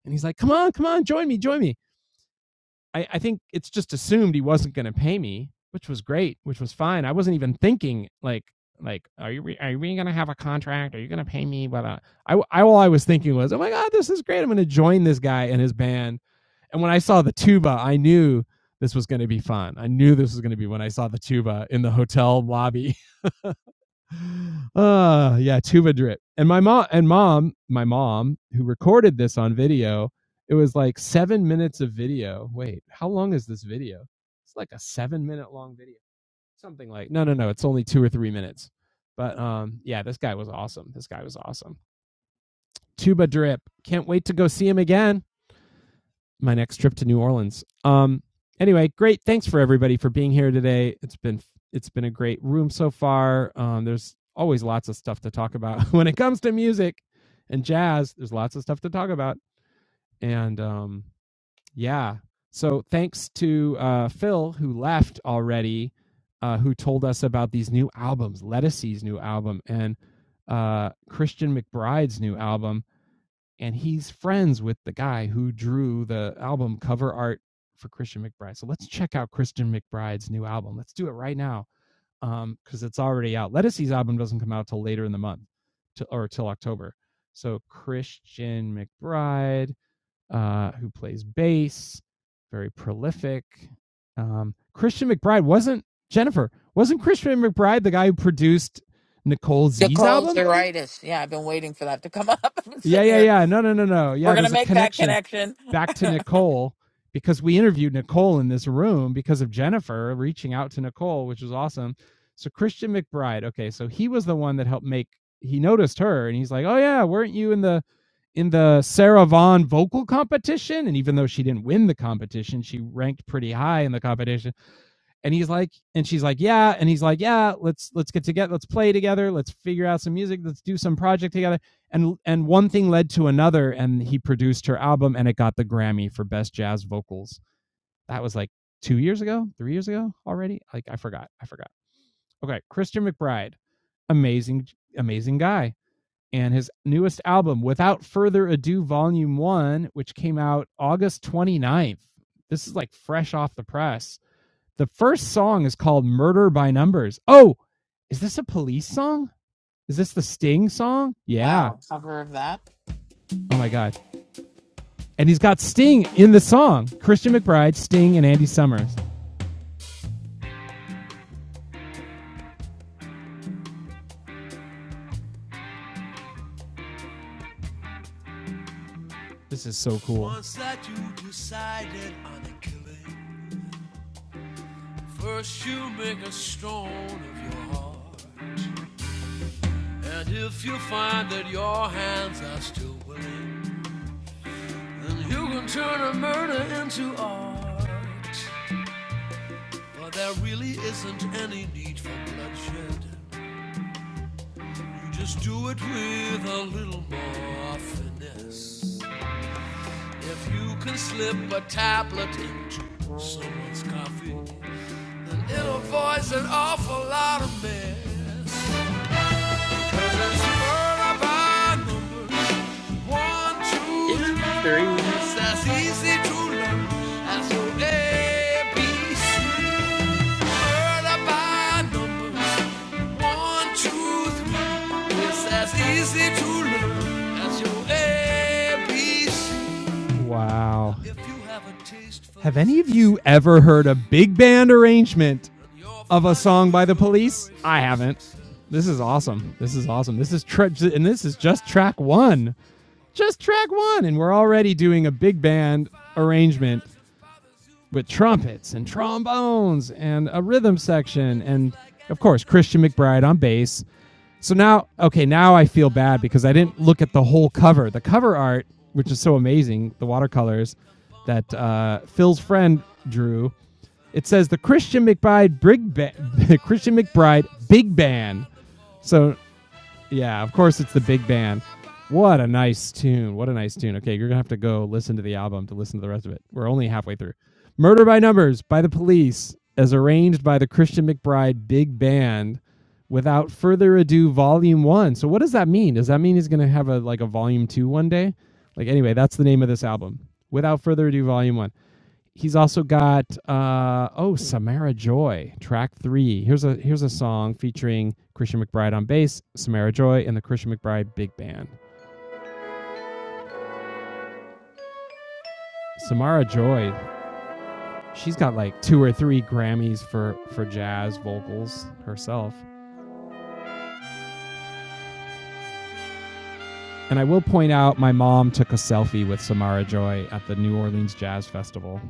[SPEAKER 1] and he's like, "Come on, come on, join me, join me." I, I think it's just assumed he wasn't going to pay me, which was great, which was fine. I wasn't even thinking like like are you re- are we going to have a contract? Are you going to pay me? But uh, I I all I was thinking was, oh my god, this is great. I'm going to join this guy and his band. And when I saw the tuba, I knew this was going to be fun. I knew this was going to be when I saw the tuba in the hotel lobby uh yeah tuba drip and my mom and mom my mom who recorded this on video it was like seven minutes of video wait how long is this video it's like a seven minute long video something like no no no it's only two or three minutes but um yeah this guy was awesome this guy was awesome tuba drip can't wait to go see him again my next trip to New Orleans. Um, anyway, great. Thanks for everybody for being here today. It's been it's been a great room so far. Um, there's always lots of stuff to talk about when it comes to music and jazz. There's lots of stuff to talk about, and um, yeah. So thanks to uh, Phil who left already, uh, who told us about these new albums, Lettucey's new album and uh, Christian McBride's new album and he's friends with the guy who drew the album cover art for Christian McBride. So let's check out Christian McBride's new album. Let's do it right now um because it's already out. Lettucey's album doesn't come out till later in the month, to, or till October. So Christian McBride, uh, who plays bass, very prolific. Um, Christian McBride wasn't Jennifer. Wasn't Christian McBride the guy who produced Nicole Z's
[SPEAKER 2] Nicole's
[SPEAKER 1] album?
[SPEAKER 2] uritis. Yeah, I've been waiting for that to come up. I've been
[SPEAKER 1] Yeah,
[SPEAKER 2] sitting
[SPEAKER 1] yeah,
[SPEAKER 2] here
[SPEAKER 1] yeah. No, no, no, no.
[SPEAKER 2] We're
[SPEAKER 1] Yeah,
[SPEAKER 2] gonna
[SPEAKER 1] there's a
[SPEAKER 2] make that
[SPEAKER 1] connection.
[SPEAKER 2] connection.
[SPEAKER 1] back to Nicole because we interviewed Nicole in this room because of Jennifer reaching out to Nicole, which was awesome. So Christian McBride, okay, so he was the one that helped make he noticed her and he's like, "Oh yeah, weren't you in the in the Sarah Vaughn vocal competition?" And even though she didn't win the competition, she ranked pretty high in the competition and he's like and she's like yeah and he's like yeah let's let's get together let's play together let's figure out some music let's do some project together and and one thing led to another and he produced her album and it got the grammy for best jazz vocals that was like two years ago three years ago already like i forgot i forgot okay christian mcbride amazing amazing guy and his newest album without further ado volume one which came out august twenty ninth. this is like fresh off the press the first song is called Murder by Numbers. Oh, is this a police song? Is this the Sting song? Yeah.
[SPEAKER 2] Wow, a cover of that.
[SPEAKER 1] Oh my God. And he's got Sting in the song Christian McBride, Sting, and Andy Summers. This is so cool.
[SPEAKER 2] One, two, three.
[SPEAKER 1] Wow. Have any of you ever heard a big band arrangement of a song by the police? I haven't. This is awesome. This is awesome. This is tra- and this is just track one. Just track one, and we're already doing a big band arrangement with trumpets and trombones and a rhythm section and of course Christian McBride on bass. So now okay, now I feel bad because I didn't look at the whole cover. The cover art, which is so amazing, the watercolors that uh, Phil's friend drew. It says the Christian McBride Big ba- Christian McBride Big Band. So yeah, of course it's the big band. What a nice tune. What a nice tune. Okay, you're going to have to go listen to the album to listen to the rest of it. We're only halfway through. Murder by Numbers by the Police, as arranged by the Christian McBride Big Band. Without further ado, Volume 1. So what does that mean? Does that mean he's going to have a like a Volume 2 one day? Like anyway, that's the name of this album. Without further ado, Volume 1 he's also got uh, oh Samara Joy track three. Here's a here's a song featuring Christian McBride on bass, Samara Joy, and the Christian McBride Big Band. Samara Joy, she's got like two or three Grammys for for jazz vocals herself. And I will point out, my mom took a selfie with Samara Joy at the New Orleans Jazz Festival.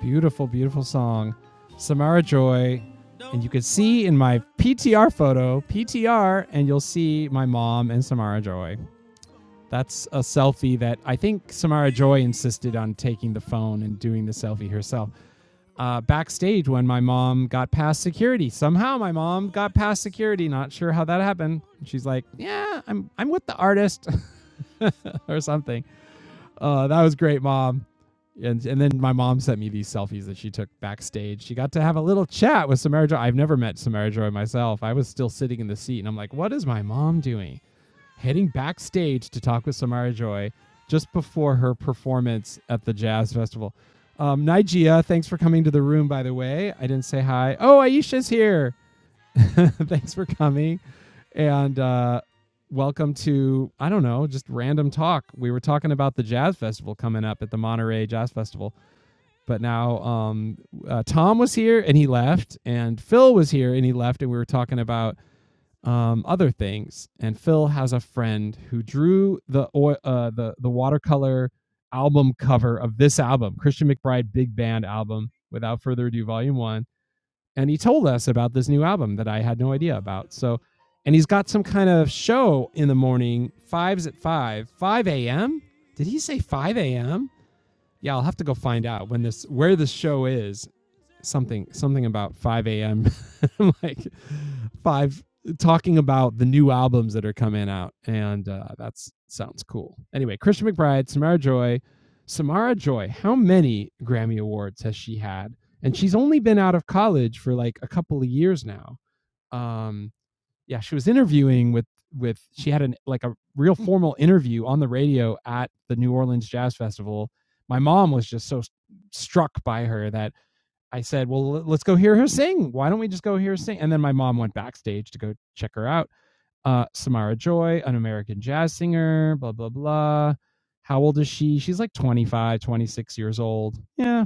[SPEAKER 1] Beautiful, beautiful song. Samara Joy, You can see in my PTR photo, PTR, and you'll see my mom and Samara Joy. That's a selfie that I think Samara Joy insisted on taking the phone and doing the selfie herself. Uh, backstage when my mom got past security. Somehow my mom got past security. Not sure how that happened. She's like, "Yeah, I'm I'm with the artist," or something. Uh, that was great, mom. And and then my mom sent me these selfies that she took backstage. She got to have a little chat with Samara Joy. I've never met Samara Joy myself. I was still sitting in the seat, and I'm like, what is my mom doing? Heading backstage to talk with Samara Joy just before her performance at the jazz festival. Um, Nigeria, thanks for coming to the room, by the way. I didn't say hi. Oh, Aisha's here. Thanks for coming. And uh, welcome to, I don't know, just random talk. We were talking about the Jazz Festival coming up at the Monterey Jazz Festival. But now um, uh, Tom was here and he left, and Phil was here and he left, and we were talking about um, other things. And Phil has a friend who drew the uh, the the watercolor album cover of this album, Christian McBride Big Band album. Without further ado, Volume One and he told us about this new album that I had no idea about. So, and he's got some kind of show in the morning, fives at five, five a.m. Did he say five a.m.? Yeah, I'll have to go find out when this where this show is something something about 5 a.m. like five talking about the new albums that are coming out, and uh, that sounds cool. Anyway, Christian McBride, Samara Joy, Samara Joy. How many Grammy awards has she had? And she's only been out of college for like a couple of years now. Um, yeah, she was interviewing with with she had an like a real formal interview on the radio at the New Orleans Jazz Festival. My mom was just so struck by her that I said, "Well, let's go hear her sing. Why don't we just go hear her sing?" And then my mom went backstage to go check her out. Uh, Samara Joy, an American jazz singer, blah blah blah. How old is she? She's like 25, 26 years old. Yeah.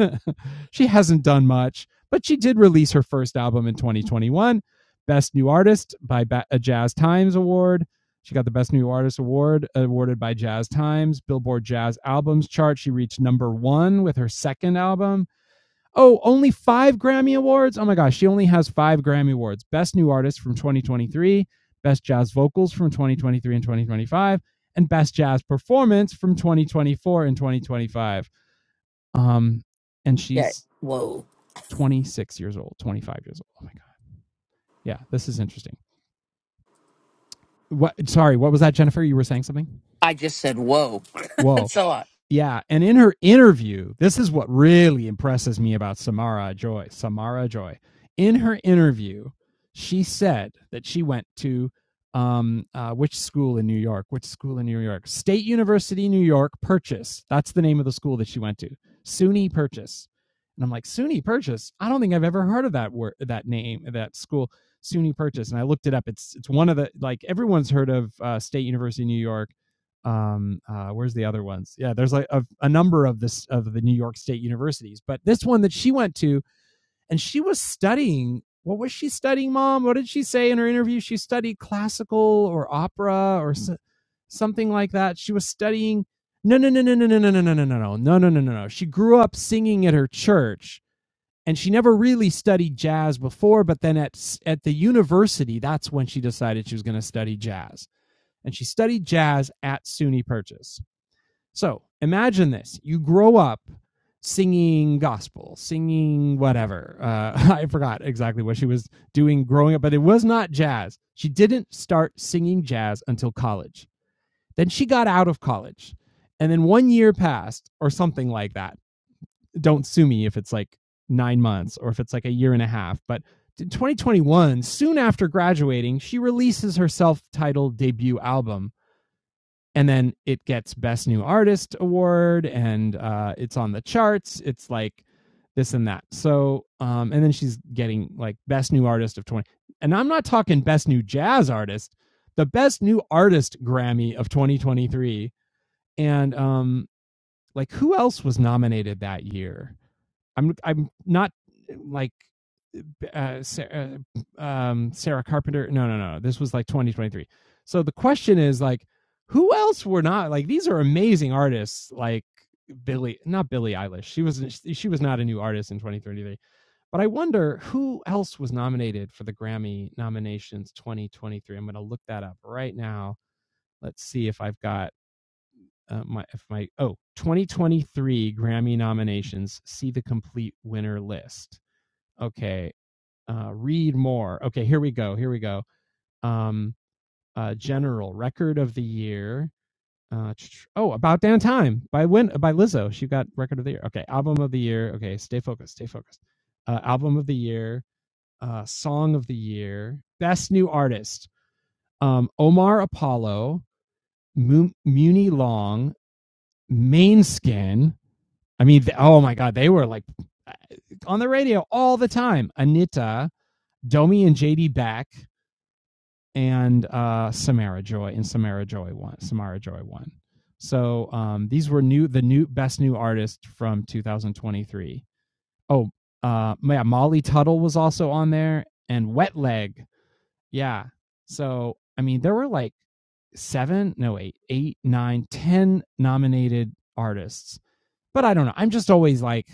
[SPEAKER 1] she hasn't done much, but she did release her first album in 2021, Best New Artist by ba- a Jazz Times Award. She got the Best New Artist Award awarded by Jazz Times, Billboard Jazz Albums chart. She reached number 1 with her second album Oh, only five Grammy Awards? Oh my gosh, she only has five Grammy Awards Best New Artist from 2023, Best Jazz Vocals from 2023 and 2025, and Best Jazz Performance from 2024 and 2025. Um, and
[SPEAKER 2] Yeah.
[SPEAKER 1] she's
[SPEAKER 2] Whoa.
[SPEAKER 1] 26 years old, 25 years old. Oh my God. Yeah, this is interesting. What, sorry, what was that, Jennifer? You were saying something?
[SPEAKER 2] I just said whoa.
[SPEAKER 1] Whoa.
[SPEAKER 2] That's a lot.
[SPEAKER 1] Yeah, and in her interview, this is what really impresses me about Samara Joy. Samara Joy. In her interview, she said that she went to um, uh, which school in New York? Which school in New York? State University, New York. Purchase. That's the name of the school that she went to. SUNY Purchase. And I'm like, SUNY Purchase. I don't think I've ever heard of that word, that name, that school, SUNY Purchase. And I looked it up. It's it's one of the like everyone's heard of uh, State University, New York um uh where's the other ones yeah there's like a, a number of this of the new york state universities but this one that she went to and she was studying what was she studying mom what did she say in her interview she studied classical or opera or so, something like that she was studying no no no no no no no no no no no no no no no no no she grew up singing at her church and she never really studied jazz before but then at at the university that's when she decided she was going to study jazz and she studied jazz at SUNY Purchase so imagine this you grow up singing gospel, singing whatever. Uh, I forgot exactly what she was doing growing up, but it was not jazz. She didn't start singing jazz until college. Then she got out of college. And then one year passed or something like that. Don't sue me if it's like nine months or if it's like a year and a half. But in 2021, soon after graduating, she releases her self titled debut album and then it gets best new artist award and uh, it's on the charts it's like this and that so um, and then she's getting like best new artist of 20 and i'm not talking best new jazz artist the best new artist grammy of 2023 and um, like who else was nominated that year I'm I'm not like uh, Sarah, um, Sarah Carpenter. No, no, no. This was like 2023. So the question is like, who else were not like these are amazing artists like Billy, not Billie Eilish. She was she was not a new artist in 2023. But I wonder who else was nominated for the Grammy nominations 2023. I'm going to look that up right now. Let's see if I've got uh, my if my oh 2023 Grammy nominations. See the complete winner list. Okay. Uh, read more. Okay, here we go. Here we go. Um, uh, general record of the year. Uh, oh, about damn time by Win by Lizzo. She got record of the year. Okay, album of the year. Okay, stay focused. Stay focused. Uh, album of the year. Uh, song of the year. Best new artist. Um, Omar Apollo, Mu- Muni Long, Main Skin. I mean, th- oh my God, they were like uh, on the radio all the time. Anita, Domi and JD Back, and uh, Samara Joy, and Samara Joy won. Samara Joy won. So um, these were new, the new best new artist from 2023. Oh, uh, yeah, Molly Tuttle was also on there, and Wet Leg. Yeah. So I mean, there were like seven, no, eight, eight, nine, ten nominated artists. But I don't know. I'm just always like,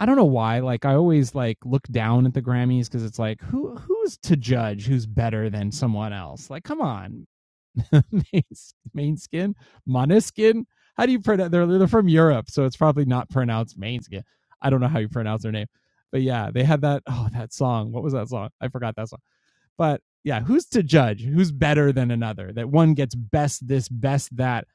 [SPEAKER 1] I don't know why. Like I always like look down at the Grammys because it's like, who who's to judge who's better than someone else? Like, come on, main, main skin, Maneskin. How do you pronounce? They're they're from Europe, so it's probably not pronounced main I don't know how you pronounce their name, but yeah, they had that. Oh, that song. What was that song? I forgot that song. But yeah, who's to judge? Who's better than another? That one gets best this, best that.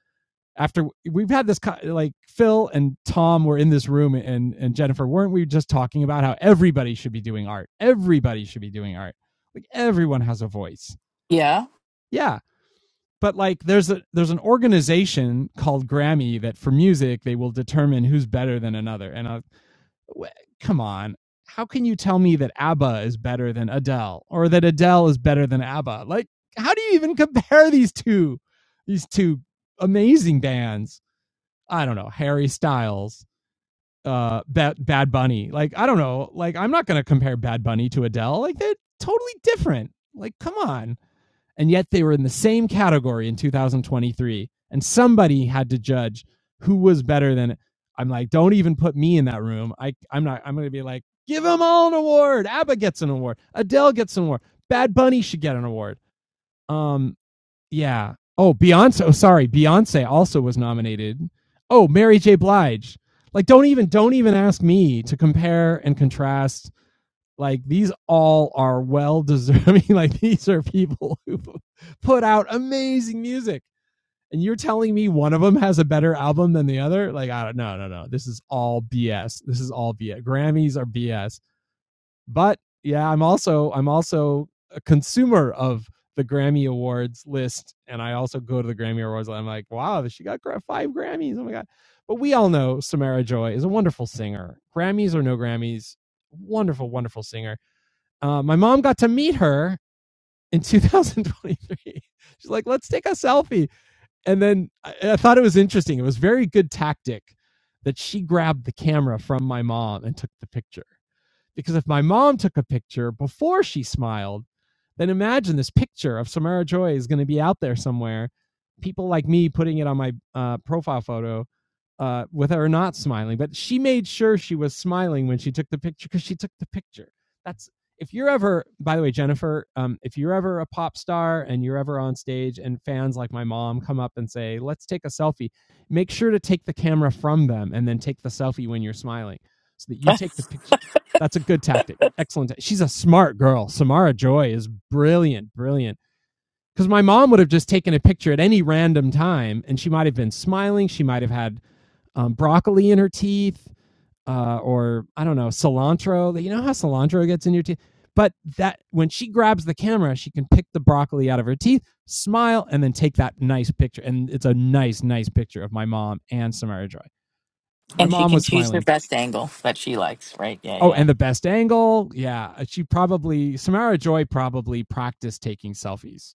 [SPEAKER 1] After we've had this, like Phil and Tom were in this room, and and Jennifer, weren't we just talking about how everybody should be doing art? Everybody should be doing art. Like everyone has a voice.
[SPEAKER 2] Yeah.
[SPEAKER 1] Yeah, but like there's a there's an organization called Grammy that for music they will determine who's better than another. And I, w- come on, how can you tell me that ABBA is better than Adele or that Adele is better than ABBA? Like how do you even compare these two these two amazing bands? I don't know, Harry Styles, uh Bad, Bad Bunny. Like I don't know, like I'm not going to compare Bad Bunny to Adele. Like they're totally different. Like come on and yet they were in the same category in 2023 and somebody had to judge who was better than it. i'm like don't even put me in that room i i'm not i'm going to be like give them all an award abba gets an award adele gets an award bad bunny should get an award um yeah oh beyonce oh, sorry beyonce also was nominated oh mary j blige like don't even don't even ask me to compare and contrast like these all are well deserving like these are people who put out amazing music and you're telling me one of them has a better album than the other like i don't no no no this is all bs this is all bs grammys are bs but yeah i'm also i'm also a consumer of the grammy awards list and i also go to the grammy awards and i'm like wow she got five grammys oh my god but we all know samara joy is a wonderful singer grammys or no grammys wonderful wonderful singer uh, my mom got to meet her in 2023. She's like, let's take a selfie. And then I, I thought it was interesting. It was very good tactic that she grabbed the camera from my mom and took the picture. Because if my mom took a picture before she smiled, then imagine this picture of Samara Joy is going to be out there somewhere. People like me putting it on my uh, profile photo uh, with her not smiling, but she made sure she was smiling when she took the picture because she took the picture. That's if you're ever, by the way, Jennifer, um, if you're ever a pop star and you're ever on stage and fans like my mom come up and say, let's take a selfie, make sure to take the camera from them and then take the selfie when you're smiling so that you take the picture that's a good tactic. Excellent. She's a smart girl. Samara Joy is brilliant, brilliant. Because my mom would have just taken a picture at any random time, and she might have been smiling. She might have had um, broccoli in her teeth, uh, or I don't know, cilantro. Like, You know how cilantro gets in your teeth. But that when she grabs the camera, she can pick the broccoli out of her teeth, smile, and then take that nice picture. And it's a nice, nice picture of my mom and Samara Joy. My
[SPEAKER 2] And she
[SPEAKER 1] mom
[SPEAKER 2] can
[SPEAKER 1] was
[SPEAKER 2] choose
[SPEAKER 1] smiling
[SPEAKER 2] her
[SPEAKER 1] too.
[SPEAKER 2] best angle that she likes, right? Yeah,
[SPEAKER 1] Oh,
[SPEAKER 2] yeah.
[SPEAKER 1] and the best angle. Yeah, uh, she probably Samara Joy probably practiced taking selfies.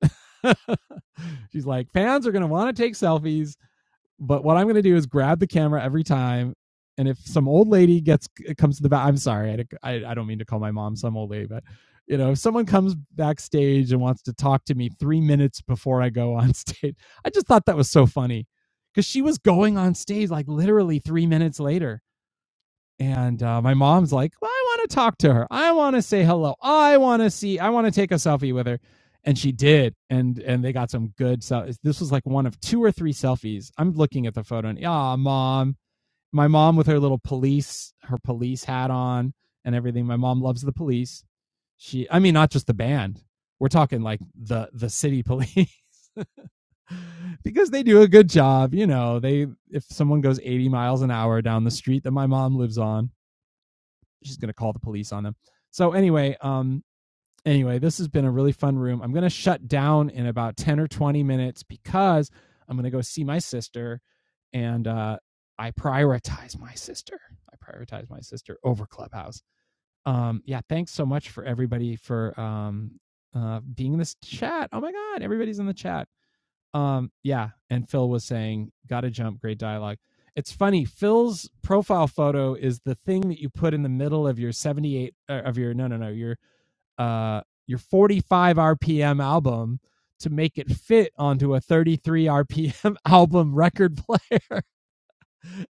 [SPEAKER 1] She's like, fans are going to want to take selfies, but what I'm going to do is grab the camera every time. And if some old lady gets comes to the back, I'm sorry, I, I, I don't mean to call my mom some old lady, but you know, if someone comes backstage and wants to talk to me three minutes before I go on stage, I just thought that was so funny because she was going on stage like literally three minutes later and uh, my mom's like, well, I want to talk to her. I want to say hello. I want to see. I want to take a selfie with her. And she did. And and they got some good selfies. This was like one of two or three selfies. I'm looking at the photo and ah, mom. My mom with her little police, her police hat on and everything. My mom loves the police. She, I mean, not just the band. We're talking like the the city police because they do a good job. You know, they if someone goes 80 miles an hour down the street that my mom lives on she's gonna call the police on him. So anyway, um, anyway, this has been a really fun room. I'm gonna shut down in about ten or twenty minutes because I'm gonna go see my sister, and uh, I prioritize my sister. I prioritize my sister over Clubhouse. Um, yeah, thanks so much for everybody for um uh being in this chat. Oh my God, everybody's in the chat um yeah and phil was saying gotta jump great dialogue it's funny phil's profile photo is the thing that you put in the middle of your 78 uh, of your no no no your uh your 45 rpm album to make it fit onto a 33 rpm album record player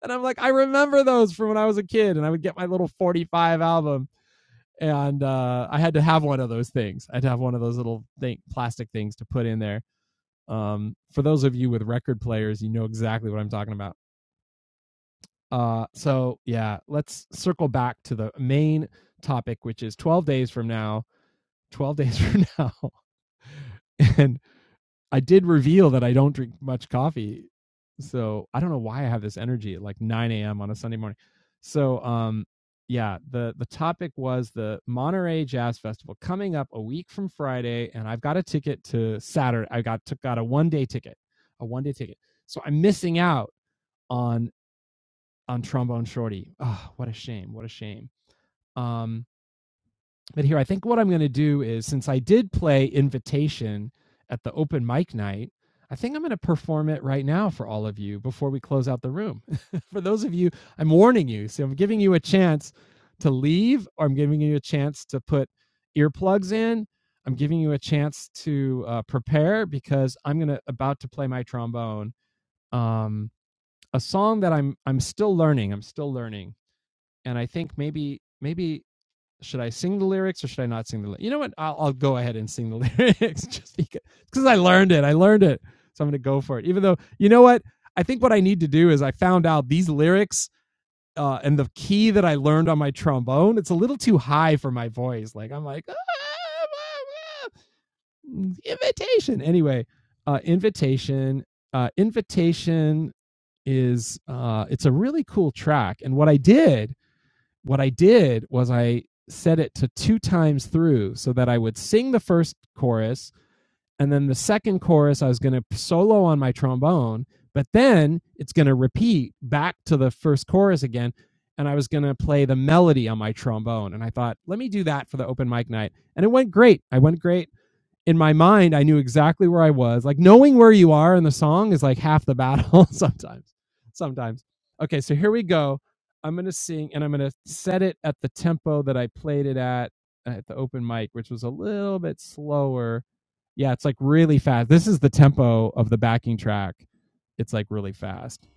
[SPEAKER 1] and i'm like i remember those from when i was a kid and i would get my little 45 album and uh, i had to have one of those things i would have one of those little thing, plastic things to put in there um, for those of you with record players, you know exactly what I'm talking about. Uh, so yeah, let's circle back to the main topic, which is 12 days from now. 12 days from now, and I did reveal that I don't drink much coffee. So I don't know why I have this energy at like 9 a.m. on a Sunday morning. So um yeah, the the topic was the Monterey Jazz Festival coming up a week from Friday, and I've got a ticket to Saturday. I got took got a one day ticket, a one day ticket. So I'm missing out on on Trombone Shorty. Oh, what a shame! What a shame. Um, but here, I think what I'm going to do is since I did play Invitation at the open mic night, I think I'm going to perform it right now for all of you before we close out the room. for those of you, I'm warning you. So I'm giving you a chance to leave, or I'm giving you a chance to put earplugs in. I'm giving you a chance to uh, prepare because I'm gonna about to play my trombone. Um, a song that I'm I'm still learning. I'm still learning, and I think maybe maybe should I sing the lyrics or should I not sing the lyrics? You know what? I'll, I'll go ahead and sing the lyrics just because cause I learned it. I learned it. So I'm going to go for it. Even though, you know what? I think what I need to do is I found out these lyrics uh, and the key that I learned on my trombone, it's a little too high for my voice. Like, I'm like, "Ah, ah, ah." invitation. Anyway, uh, invitation. Uh, invitation is uh, it's a really cool track. And what I did what I did was I set it to two times through so that I would sing the first chorus and then the second chorus I was going to solo on my trombone, but then it's going to repeat back to the first chorus again and I was going to play the melody on my trombone and I thought, let me do that for the open mic night. And it went great. I went great in my mind, I knew exactly where I was. Like knowing where you are in the song is like half the battle sometimes. Sometimes. Okay, so here we go. I'm going to sing and I'm going to set it at the tempo that I played it at at the open mic, which was a little bit slower. Yeah, it's like really fast. This is the tempo of the backing track. It's like really fast.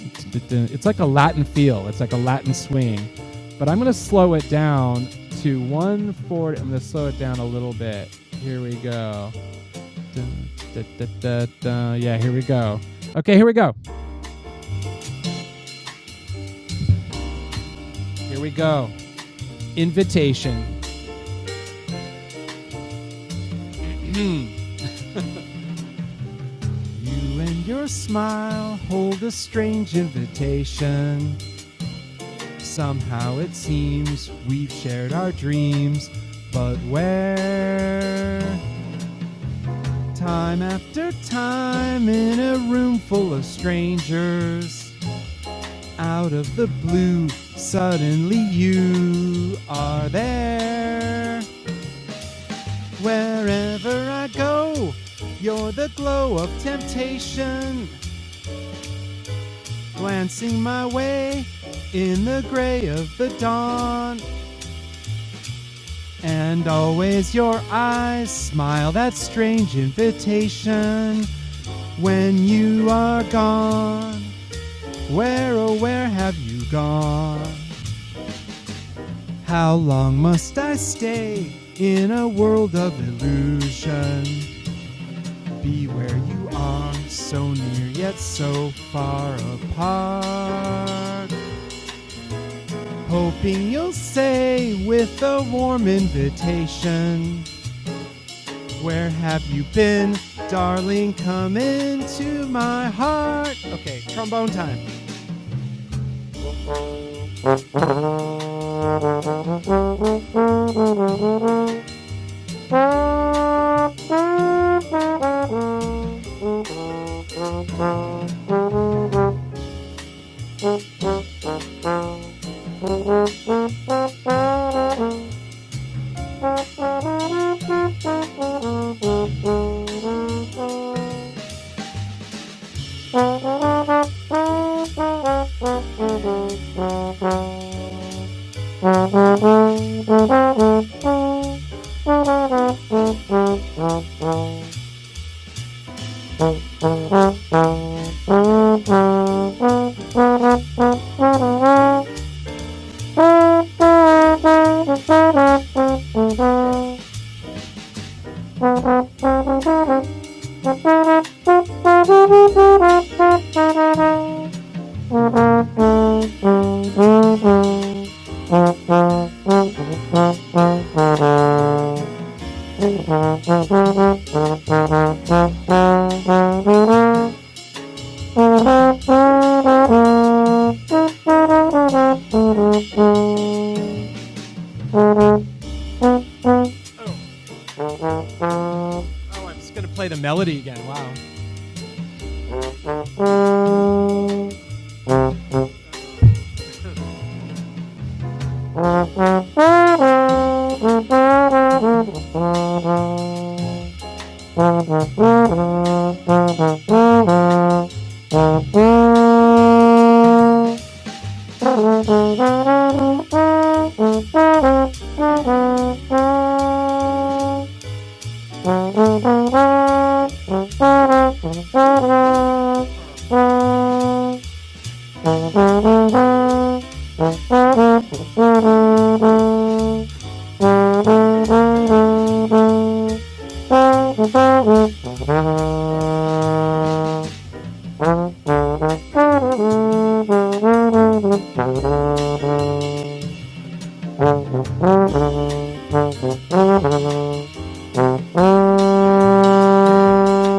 [SPEAKER 1] It's like a Latin feel, it's like a Latin swing. But I'm going to slow it down to 140. I'm going to slow it down a little bit. Here we go. Dun, dun, dun, dun, dun. Yeah, here we go. Okay, here we go. Here we go. Invitation. You and your smile hold a strange invitation. Somehow it seems we've shared our dreams, but where? Time after time in a room full of strangers. Out of the blue, suddenly you are there. Wherever I go, you're the glow of temptation, glancing my way in the gray of the dawn. And always your eyes smile that strange invitation when you are gone. Where, oh, where have you gone? How long must I stay in a world of illusion? Be where you are, so near yet so far apart. Hoping you'll say with a warm invitation, Where have you been, darling? Come into my heart. Okay, trombone time. Thank you. Oh, I'm just gonna play the melody again. Wow. Thank you. Thank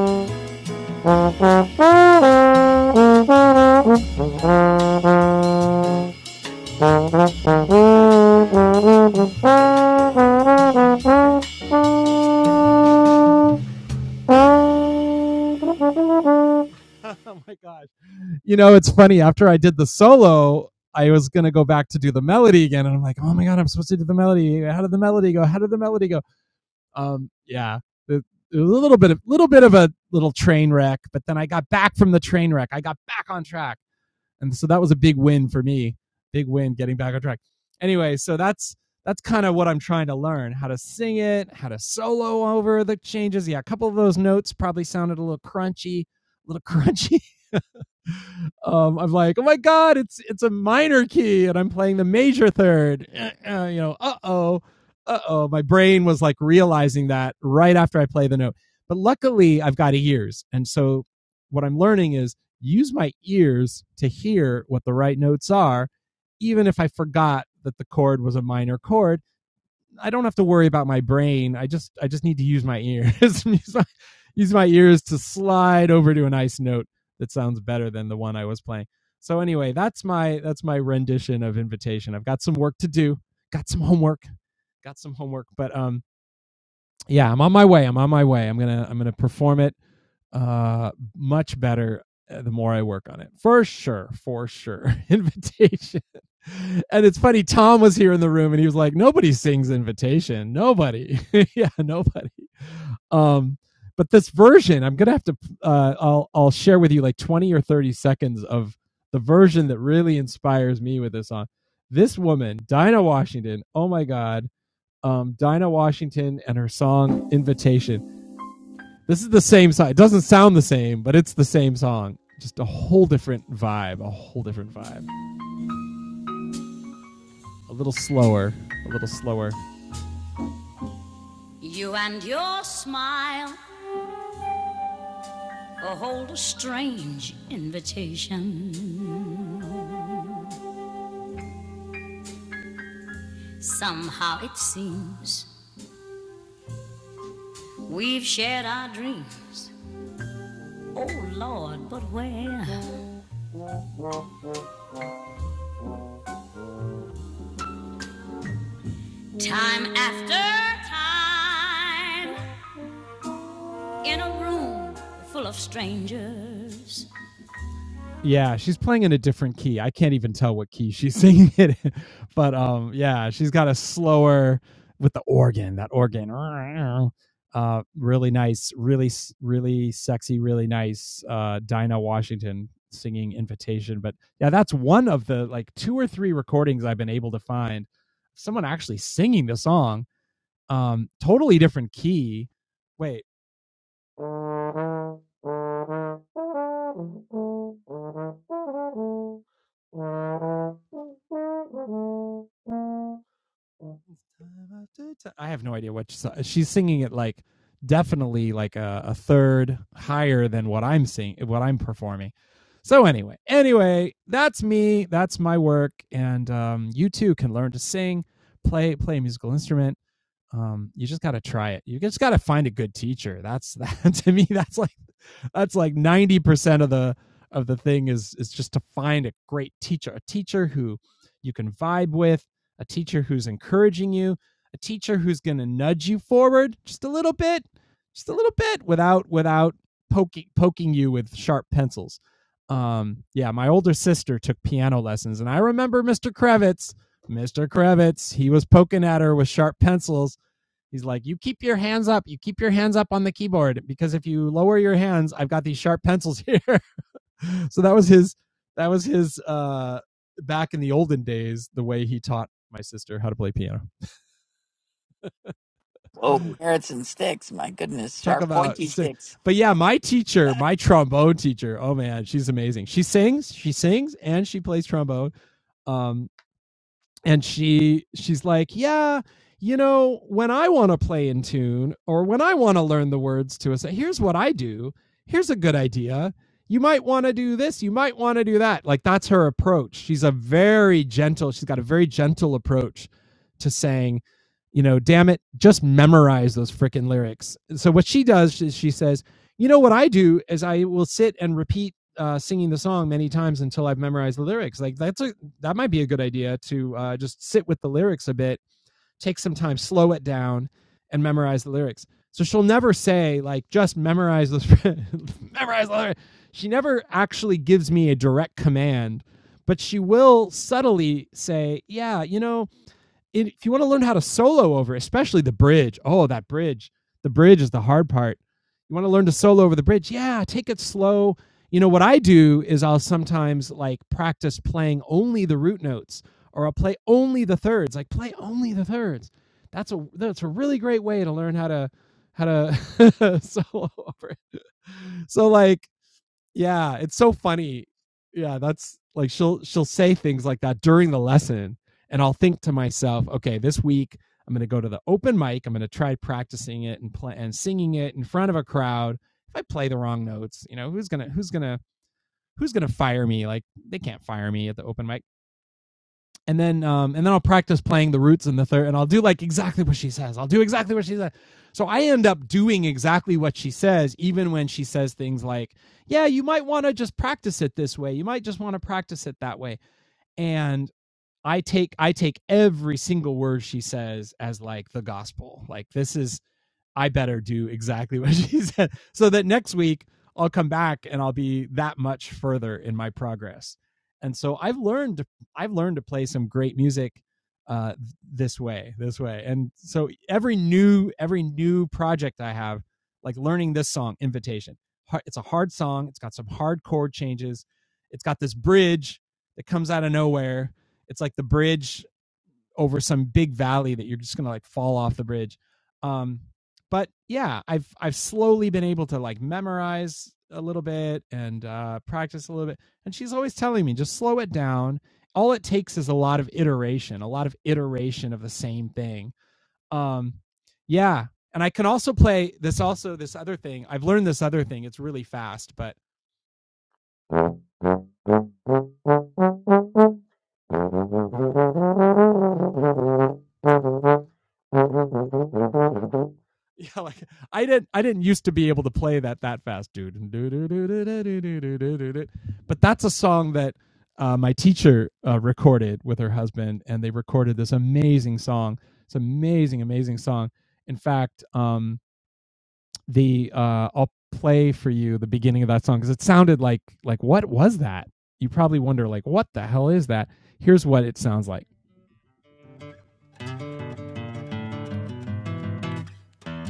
[SPEAKER 1] you. oh my gosh. You know, it's funny. After I did the solo, I was going to go back to do the melody again. And I'm like, oh my God, I'm supposed to do the melody. How did the melody go? How did the melody go? Um, yeah, a little bit of little bit of a little train wreck, but then I got back from the train wreck. I got back on track, and so that was a big win for me. Big win getting back on track. Anyway, so that's that's kind of what I'm trying to learn: how to sing it, how to solo over the changes. Yeah, a couple of those notes probably sounded a little crunchy, a little crunchy um, I'm like, oh my god, it's it's a minor key, and I'm playing the major third. Uh, uh, you know, uh oh, uh oh. My brain was like realizing that right after I play the note. But luckily, I've got ears, and so what I'm learning is use my ears to hear what the right notes are, even if I forgot that the chord was a minor chord I don't have to worry about my brain. I just I just need to use my ears. use, my, use my ears to slide over to a nice note that sounds better than the one I was playing. So anyway, that's my that's my rendition of invitation. I've got some work to do. Got some homework. Got some homework, but um yeah, I'm on my way. I'm on my way. I'm gonna I'm gonna perform it uh much better uh, the more I work on it. For sure, for sure. invitation. And it's funny, Tom was here in the room and he was like, Nobody sings invitation. Nobody. yeah, nobody. Um, but this version, I'm gonna have to uh I'll I'll share with you like 20 or 30 seconds of the version that really inspires me with this song. This woman, Dinah Washington, oh my god um, Dinah Washington and her song Invitation. This is the same song. It doesn't sound the same, but it's the same song. Just a whole different vibe, a whole different vibe. A little slower, a little slower. Yeah, she's playing in a different key. I can't even tell what key she's singing it in. But um yeah, she's got a slower with the organ, that organ. Uh really nice, really really sexy, really nice uh Dinah Washington singing invitation. But yeah, that's one of the like two or three recordings I've been able to find someone actually singing the song. Um totally different key. Wait. I have no idea what she's, she's singing. It like definitely like a, a third higher than what I'm singing, what I'm performing. So anyway, anyway, that's me. That's my work, and um, you too can learn to sing, play play a musical instrument um, you just got to try it. You just got to find a good teacher. That's that to me. That's like that's like ninety percent of the of the thing is is just to find a great teacher, a teacher who you can vibe with, a teacher who's encouraging you, a teacher who's going to nudge you forward just a little bit, just a little bit without without poking poking you with sharp pencils. Um, yeah, my older sister took piano lessons, and I remember Mr. Kravitz. Mr. Kravitz, he was poking at her with sharp pencils He's like, you keep your hands up. You keep your hands up on the keyboard because if you lower your hands, I've got these sharp pencils here. so that was his. That was his. Uh, back in the olden days, the way he taught my sister how to play piano.
[SPEAKER 2] Whoa. Carrots and sticks. My goodness.
[SPEAKER 1] Talk
[SPEAKER 2] Sharp
[SPEAKER 1] about.
[SPEAKER 2] pointy
[SPEAKER 1] si-
[SPEAKER 2] sticks.
[SPEAKER 1] But yeah, my teacher, my trombone teacher. Oh man, she's amazing. She sings. She sings and she plays trombone. Um, and she she's like yeah you know when i want to play in tune or when i want to learn the words to a song here's what i do here's a good idea you might want to do this you might want to do that like that's her approach she's a very gentle she's got a very gentle approach to saying you know damn it just memorize those freaking lyrics so what she does is she says you know what i do is i will sit and repeat uh, singing the song many times until i've memorized the lyrics like that's a that might be a good idea to uh, just sit with the lyrics a bit, take some time, slow it down, and memorize the lyrics. So she'll never say like just memorize this, memorize the lyrics. She never actually gives me a direct command, but she will subtly say, "Yeah, you know, if you want to learn how to solo over, especially the bridge, oh, that bridge, the bridge is the hard part. You want to learn to solo over the bridge? Yeah, take it slow. You know, what I do is I'll sometimes like practice playing only the root notes or I'll play only the thirds, like play only the thirds. That's a that's a really great way to learn how to how to solo over. it. So like yeah, it's so funny. Yeah, that's like she'll she'll say things like that during the lesson and I'll think to myself, okay, this week I'm going to go to the open mic, I'm going to try practicing it and play and singing it in front of a crowd. If I play the wrong notes, you know, who's going to who's going to who's going to fire me? Like they can't fire me at the open mic and then um, and then I'll practice playing the roots in the third, and I'll do like exactly what she says. I'll do exactly what she says. So I end up doing exactly what she says, even when she says things like, "Yeah, you might want to just practice it this way. You might just want to practice it that way." And I take I take every single word she says as like the gospel. Like this is I better do exactly what she said so that next week I'll come back and I'll be that much further in my progress. And so I've learned I've learned to play some great music uh, this way, this way. And so every new every new project I have, like learning this song, Invitation. It's a hard song. It's got some hard chord changes. It's got this bridge that comes out of nowhere. It's like the bridge over some big valley that you're just gonna like fall off the bridge. Um, but yeah, I've I've slowly been able to like memorize a little bit and uh, practice a little bit. And she's always telling me just slow it down. All it takes is a lot of iteration, a lot of iteration of the same thing. Um, yeah, and I can also play this. Also, this other thing I've learned this other thing. It's really fast, but yeah, like I didn't I didn't used to be able to play that that fast, dude. But that's a song that uh, my teacher uh, recorded with her husband, and they recorded this amazing song. It's an amazing, amazing song. In fact, um, the uh I'll play for you the beginning of that song because it sounded like like what was that? You probably wonder like what the hell is that? Here's what it sounds like.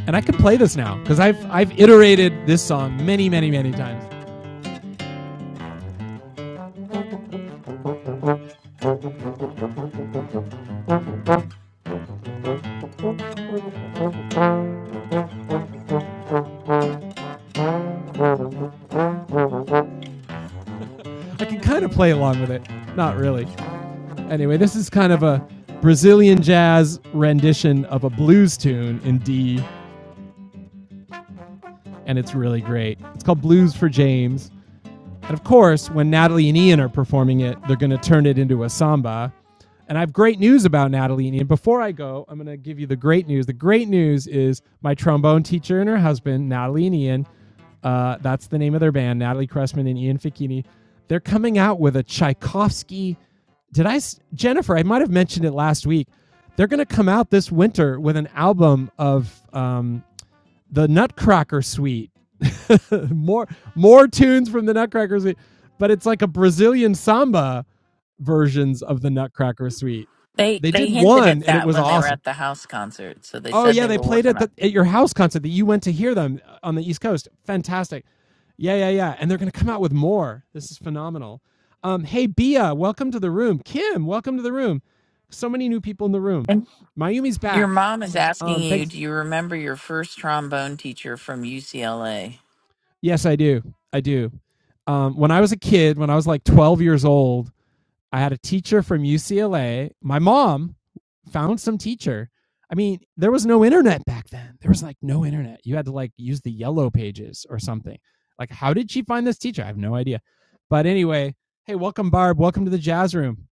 [SPEAKER 1] And I can play this now because I've I've iterated this song many, many, many times. I can kind of play along with it. Not really. Anyway, this is kind of a Brazilian jazz rendition of a blues tune in D, and it's really great. It's called Blues for James. And of course, when Natalie and Ian are performing it, they're going to turn it into a samba. And I have great news about Natalie and Ian. Before I go, I'm going to give you the great news. The great news is my trombone teacher and her husband, Natalie and Ian, uh, that's the name of their band, Natalie Cressman and Ian Ficchini. They're coming out with a Tchaikovsky. Did I, Jennifer, I might have mentioned it last week. They're going to come out this winter with an album of um, the Nutcracker Suite. more more tunes from the Nutcracker Suite, but it's like a Brazilian samba versions of the Nutcracker Suite.
[SPEAKER 2] They
[SPEAKER 1] They
[SPEAKER 2] they
[SPEAKER 1] did
[SPEAKER 2] hinted
[SPEAKER 1] one,
[SPEAKER 2] at
[SPEAKER 1] and it
[SPEAKER 2] that
[SPEAKER 1] was
[SPEAKER 2] when they were
[SPEAKER 1] awesome.
[SPEAKER 2] at the house concert. So they
[SPEAKER 1] Oh
[SPEAKER 2] said
[SPEAKER 1] yeah,
[SPEAKER 2] they
[SPEAKER 1] they
[SPEAKER 2] were
[SPEAKER 1] played
[SPEAKER 2] working
[SPEAKER 1] at
[SPEAKER 2] on it.
[SPEAKER 1] the, at your house concert that you went to hear them on the East Coast. Fantastic. Yeah, yeah, yeah. And they're going to come out with more. This is phenomenal. Um, hey, Bia, welcome to the room. Kim, welcome to the room. So many new people in the room.
[SPEAKER 2] And
[SPEAKER 1] Mayumi's
[SPEAKER 2] your
[SPEAKER 1] back.
[SPEAKER 2] mom is asking
[SPEAKER 1] Um,
[SPEAKER 2] you,
[SPEAKER 1] thanks
[SPEAKER 2] do you remember your first trombone teacher from UCLA?
[SPEAKER 1] Yes, I do. I do. Um, when I was a kid, when I was like 12 years old, I had a teacher from UCLA. My mom found some teacher. I mean, there was no internet back then. There was like no internet. You had to like use the yellow pages or something. Like, how did she find this teacher? I have no idea. But anyway, hey, welcome, Barb. Welcome to the jazz room.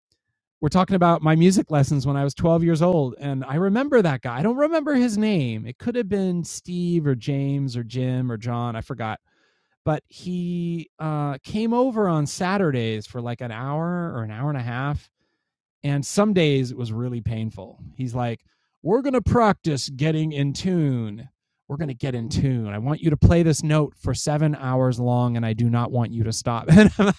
[SPEAKER 1] We're talking about my music lessons when I was 12 years old. And I remember that guy. I don't remember his name. It could have been Steve or James or Jim or John. I forgot but he uh, came over on Saturdays for like an hour or an hour and a half. And some days it was really painful. He's like, We're going to practice getting in tune. We're going to get in tune. I want you to play this note for seven hours long, and I do not want you to stop.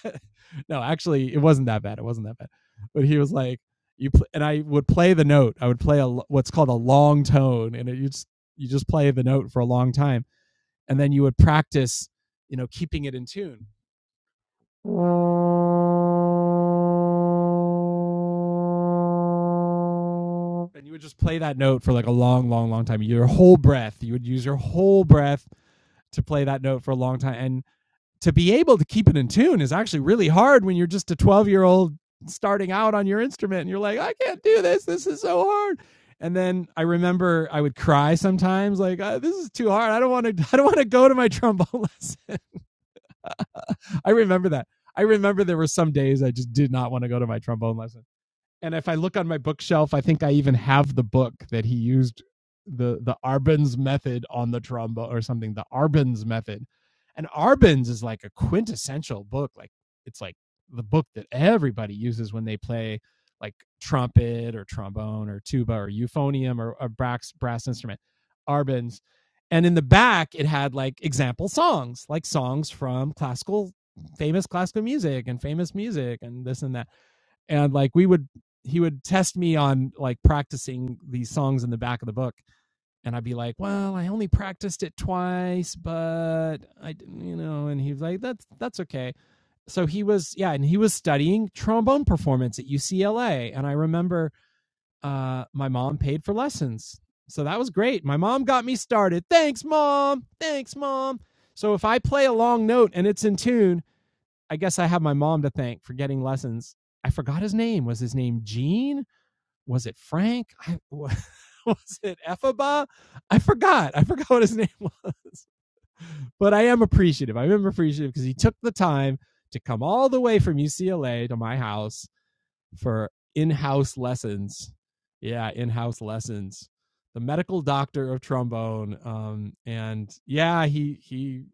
[SPEAKER 1] no, actually, it wasn't that bad. It wasn't that bad. But he was like, you pl-, and I would play the note. I would play a what's called a long tone, and it, you just you just play the note for a long time and then you would practice you know keeping it in tune and you would just play that note for like a long long long time your whole breath you would use your whole breath to play that note for a long time and to be able to keep it in tune is actually really hard when you're just a 12 year old starting out on your instrument and you're like i can't do this this is so hard and then i remember i would cry sometimes like uh, this is too hard i don't want to i don't want to go to my trombone lesson i remember that i remember there were some days i just did not want to go to my trombone lesson and if I look on my bookshelf, I think I even have the book that he used the the Arbenz method on the trombone or something. The Arbenz method, and Arbenz is like a quintessential book. Like it's like the book that everybody uses when they play like trumpet or trombone or tuba or euphonium or a brass brass instrument. Arbenz. And in the back, it had like example songs, like songs from classical, famous classical music and famous music and this and that and like we would he would test me on like practicing these songs in the back of the book and i'd be like well i only practiced it twice but i didn't," you know and he was like that's that's okay so he was yeah and he was studying trombone performance at ucla and i remember uh my mom paid for lessons so that was great my mom got me started thanks mom thanks mom so if i play a long note and it's in tune I guess I have my mom to thank for getting lessons. I forgot his name. Was his name Gene? Was it Frank? I, was it Ephaba? I forgot. I forgot what his name was. But I am appreciative. I am appreciative because he took the time to come all the way from UCLA to my house for in-house lessons. Yeah, in-house lessons. The medical doctor of trombone. Um, and yeah, he he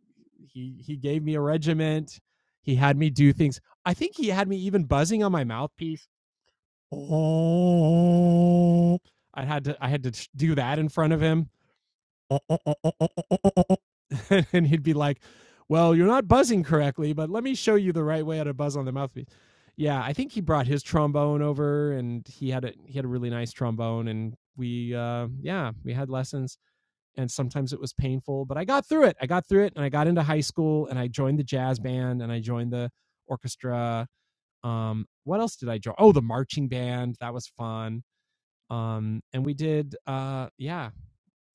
[SPEAKER 1] he he gave me a regiment. He had me do things. I think he had me even buzzing on my mouthpiece. I had to I had to do that in front of him, and he'd be like, "Well, you're not buzzing correctly, but let me show you the right way how to buzz on the mouthpiece." Yeah, I think he brought his trombone over, and he had a he had a really nice trombone, and we uh, yeah we had lessons. and sometimes it was painful, but I got through it. I got through it and I got into high school and I joined the jazz band and I joined the orchestra. Um, what else did I join? Oh, the marching band. That was fun. Um, and we did, uh, yeah,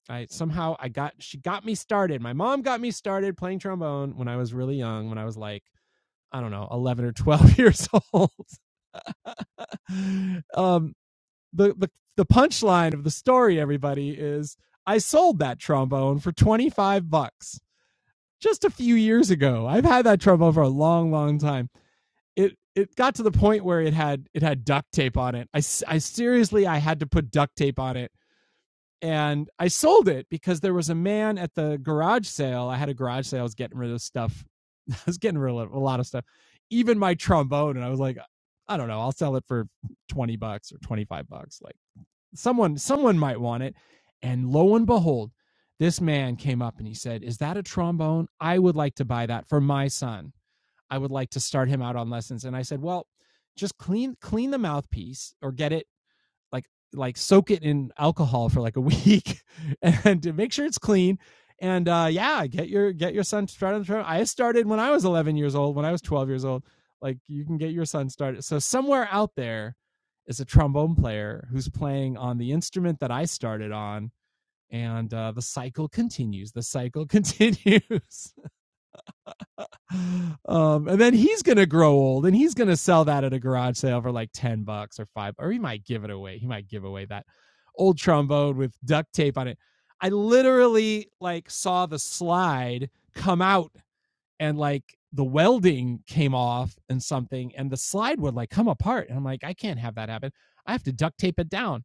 [SPEAKER 1] I somehow I got, she got me started. My mom got me started playing trombone when I was really young, when I was like, I don't know, 11 or 12 years old. um, the, the, the punchline of the story, everybody, is I sold that trombone for 25 bucks just a few years ago. I've had that trouble for a long, long time. It it got to the point where it had it had duct tape on it. I, I seriously I had to put duct tape on it, and I sold it because there was a man at the garage sale. I had a garage sale. I was getting rid of stuff. I was getting rid of a lot of stuff, even my trombone. And I was like, I don't know. I'll sell it for twenty bucks or twenty five bucks. Like someone someone might want it. And lo and behold, this man came up and he said, "Is that a trombone? I would like to buy that for my son. I would like to start him out on lessons." And I said, "Well, just clean clean the mouthpiece or get it like like soak it in alcohol for like a week and to make sure it's clean and uh yeah get your get your son started i started when i was 11 years old when i was 12 years old like you can get your son started so somewhere out there is a trombone player who's playing on the instrument that i started on and uh, the cycle continues the cycle continues um, and then he's gonna grow old and he's gonna sell that at a garage sale for like 10 bucks or five or he might give it away he might give away that old trombone with duct tape on it i literally like saw the slide come out and like the welding came off and something and the slide would like come apart and i'm like i can't have that happen i have to duct tape it down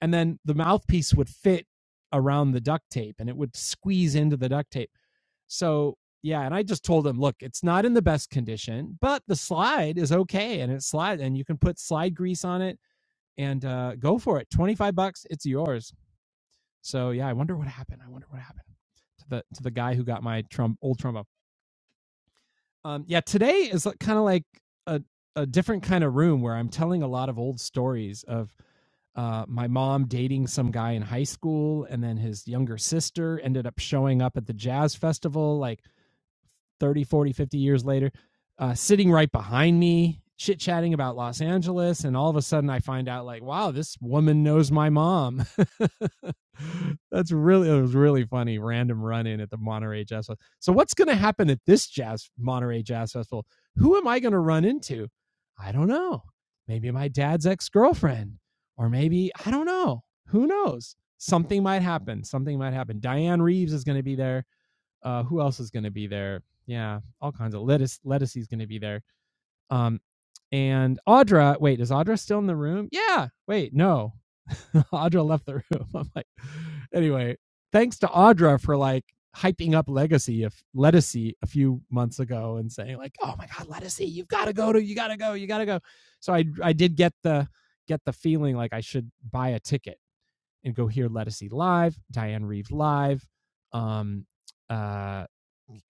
[SPEAKER 1] and then the mouthpiece would fit around the duct tape and it would squeeze into the duct tape so yeah, and I just told him, look, it's not in the best condition, but the slide is okay, and it's slide, and you can put slide grease on it and uh, go for it. Twenty five bucks, it's yours. So yeah, I wonder what happened. I wonder what happened to the to the guy who got my Trump old trombone. Um, yeah, today is kind of like a a different kind of room where I'm telling a lot of old stories of uh, my mom dating some guy in high school, and then his younger sister ended up showing up at the jazz festival, like 30, 40, 50 years later, uh, sitting right behind me, chit chatting about Los Angeles. And all of a sudden I find out, like, wow, this woman knows my mom. That's really, it was really funny. Random run in at the Monterey Jazz Festival. So, what's going to happen at this Jazz Monterey Jazz Festival? Who am I going to run into? I don't know. Maybe my dad's ex girlfriend, or maybe, I don't know. Who knows? Something might happen. Something might happen. Diane Reeves is going to be there uh, who else is going to be there? Yeah, all kinds of lettuce. Lettuce is going to be there. Um, and Audra. Wait, is Audra still in the room? Yeah. Wait, no. Audra left the room. I'm like, anyway, thanks to Audra for like hyping up Legacy if Lettucey a few months ago and saying like, oh my God, Lettucey, you've got to go to, you got to go, you got to go. So I I did get the get the feeling like I should buy a ticket and go hear Lettucey live, Diane Reeve live, um, uh,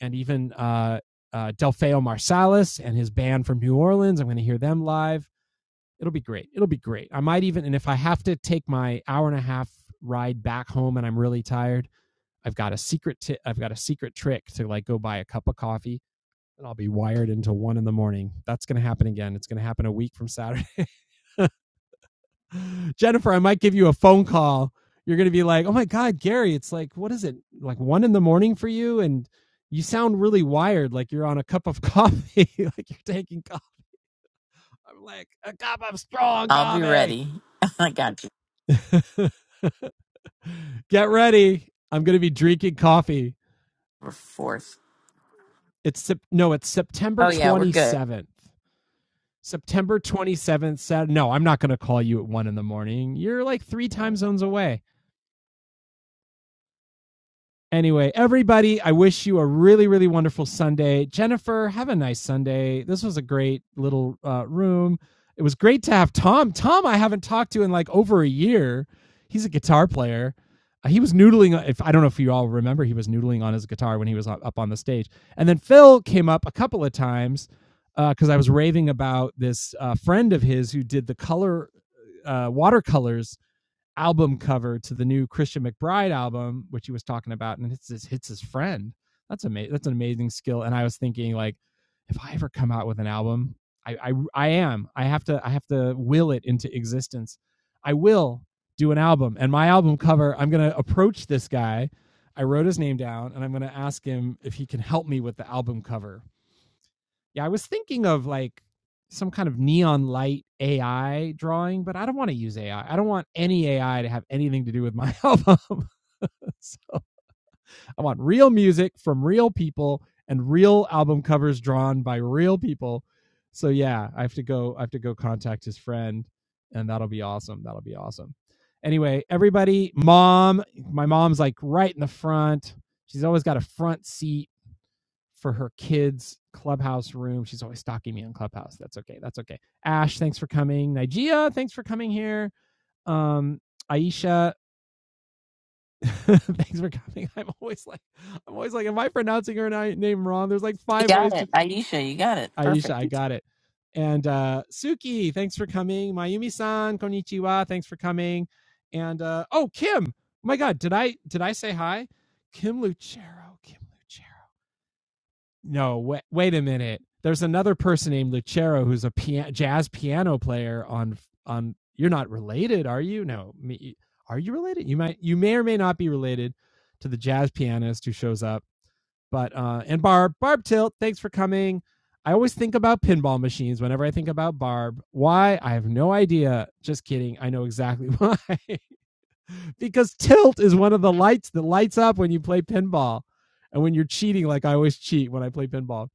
[SPEAKER 1] and even uh, uh, Delfeo Marsalis and his band from New Orleans. I'm going to hear them live. It'll be great. It'll be great. I might even, and if I have to take my hour and a half ride back home and I'm really tired, I've got a secret. i I've got a secret trick to like go buy a cup of coffee and I'll be wired until one in the morning. That's going to happen again. It's going to happen a week from Saturday. Jennifer, I might give you a phone call. You're going to be like, oh my God, Gary, it's like, what is it? Like one in the morning for you? And you sound really wired, like you're on a cup of coffee, like you're taking coffee. I'm like, a cup of strong
[SPEAKER 2] I'll be
[SPEAKER 1] coffee.
[SPEAKER 2] ready. I got you.
[SPEAKER 1] Get ready. I'm going to be drinking coffee.
[SPEAKER 2] We're Fourth.
[SPEAKER 1] It's no, it's September
[SPEAKER 2] Oh yeah, we're good.
[SPEAKER 1] 27th. September 27th said, no, I'm not going to call you at one in the morning. You're like three time zones away. Anyway, everybody, I wish you a really, really wonderful Sunday. Jennifer, have a nice Sunday. This was a great little uh, room. It was great to have Tom. Tom, I haven't talked to in like over a year. He's a guitar player. Uh, He was noodling. uh, If I don't know if you all remember, he was noodling on his guitar when he was up on the stage. And then Phil came up a couple of times because uh, I was raving about this uh, friend of his who did the color uh, watercolors album cover to the new Christian McBride album, which he was talking about, and it's his hits his friend. That's amazing. That's an amazing skill. And I was thinking, like, if I ever come out with an album, I, I I am. I have to I have to will it into existence. I will do an album, and my album cover. I'm gonna approach this guy. I wrote his name down, and I'm gonna ask him if he can help me with the album cover. Yeah, I was thinking of like some kind of neon light AI drawing, but I don't want to use AI. I I don't want any AI to have anything to do with my album. So, I want real music from real people and real album covers drawn by real people. So yeah, I have to go I have to go contact his friend and that'll be awesome. That'll be awesome. Anyway, everybody, mom, my mom's like right in the front. She's always got a front seat for her kids' clubhouse room. She's always stalking me on Clubhouse. That's okay. That's okay. Ash, thanks for coming. Nigeria, thanks for coming here. Um, Aisha, thanks for coming. I'm always like, I'm always like, am I pronouncing her name wrong? There's like
[SPEAKER 2] You
[SPEAKER 1] five
[SPEAKER 2] got
[SPEAKER 1] ways
[SPEAKER 2] it,
[SPEAKER 1] to
[SPEAKER 2] Aisha. You got it.
[SPEAKER 1] Aisha.
[SPEAKER 2] Perfect.
[SPEAKER 1] I got it. And uh, Suki, thanks for coming. Mayumi-san, konnichiwa. Thanks for coming. And uh, oh, Kim. Oh my God, did I did I say hi? Kim Lucero. Kim Lucero. no, wait, wait a minute. There's another person named Lucero who's a pia- jazz piano player on on. You're not related, are you? No, me, are you related? You might, you may or may not be related to the jazz pianist who shows up. But uh, and Barb, Barb Tilt, thanks for coming. I always think about pinball machines whenever I think about Barb. Why? I have no idea. Just kidding. I know exactly why. because tilt is one of the lights that lights up when you play pinball and when you're cheating, like I always cheat when I play pinball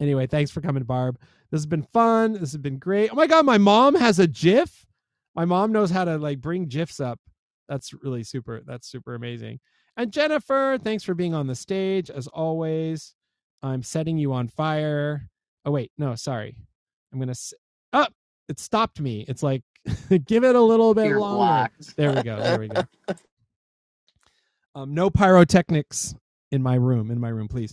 [SPEAKER 1] Anyway, thanks for coming, Barb. This has been fun. This has been great. Oh my god, my mom has a GIF. My mom knows how to like bring GIFs up. That's really super. That's super amazing. And Jennifer, thanks for being on the stage as always. I'm setting you on fire. Oh wait, no, sorry. I'm gonna. s- Up. it stopped me. It's like give it a little bit
[SPEAKER 2] You're
[SPEAKER 1] longer.
[SPEAKER 2] blocked
[SPEAKER 1] There we go. There we go. Um, no pyrotechnics in my room. In my room, please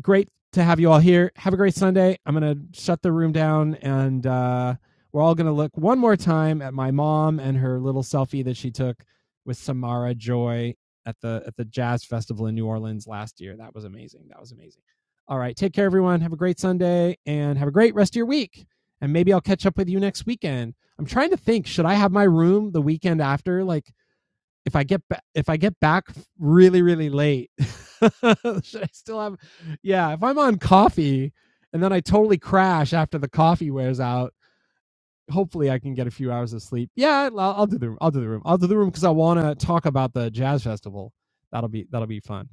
[SPEAKER 1] great to have you all here. Have a great Sunday. I'm going to shut the room down and uh, we're all going to look one more time at my mom and her little selfie that she took with Samara Joy at the at the Jazz Festival in New Orleans last year. That was amazing. That was amazing. All right, take care everyone. Have a great Sunday and have a great rest of your week. And maybe I'll catch up with you next weekend. I'm trying to think, should I have my room the weekend after like if I get ba- if I get back really really late, should I still have? Yeah, if I'm on coffee and then I totally crash after the coffee wears out, hopefully I can get a few hours of sleep. Yeah, I'll, I'll do the room. I'll do the room. I'll do the room because I want to talk about the jazz festival. That'll be that'll be fun.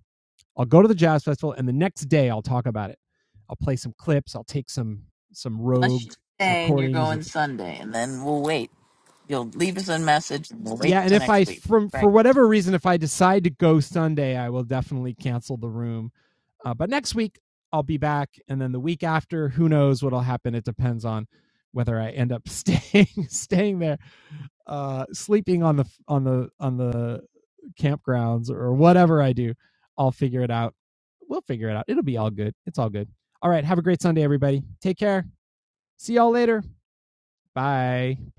[SPEAKER 1] I'll go to the jazz festival and the next day I'll talk about it. I'll play some clips. I'll take some some
[SPEAKER 2] unless
[SPEAKER 1] rogue
[SPEAKER 2] you say and you're
[SPEAKER 1] recordings of
[SPEAKER 2] going Sunday, and then we'll wait. You'll leave us a message, and we'll wait
[SPEAKER 1] Yeah, and
[SPEAKER 2] till
[SPEAKER 1] if
[SPEAKER 2] next
[SPEAKER 1] I
[SPEAKER 2] week.
[SPEAKER 1] from for
[SPEAKER 2] Right.
[SPEAKER 1] whatever reason, if I decide to go Sunday, I will definitely cancel the room. Uh, but next week I'll be back, and then the week after, who knows what'll happen? It depends on whether I end up staying staying there, uh, sleeping on the on the on the campgrounds or whatever I do. I'll figure it out. We'll figure it out. It'll be all good. It's all good. All right. Have a great Sunday, everybody. Take care. See y'all later. Bye.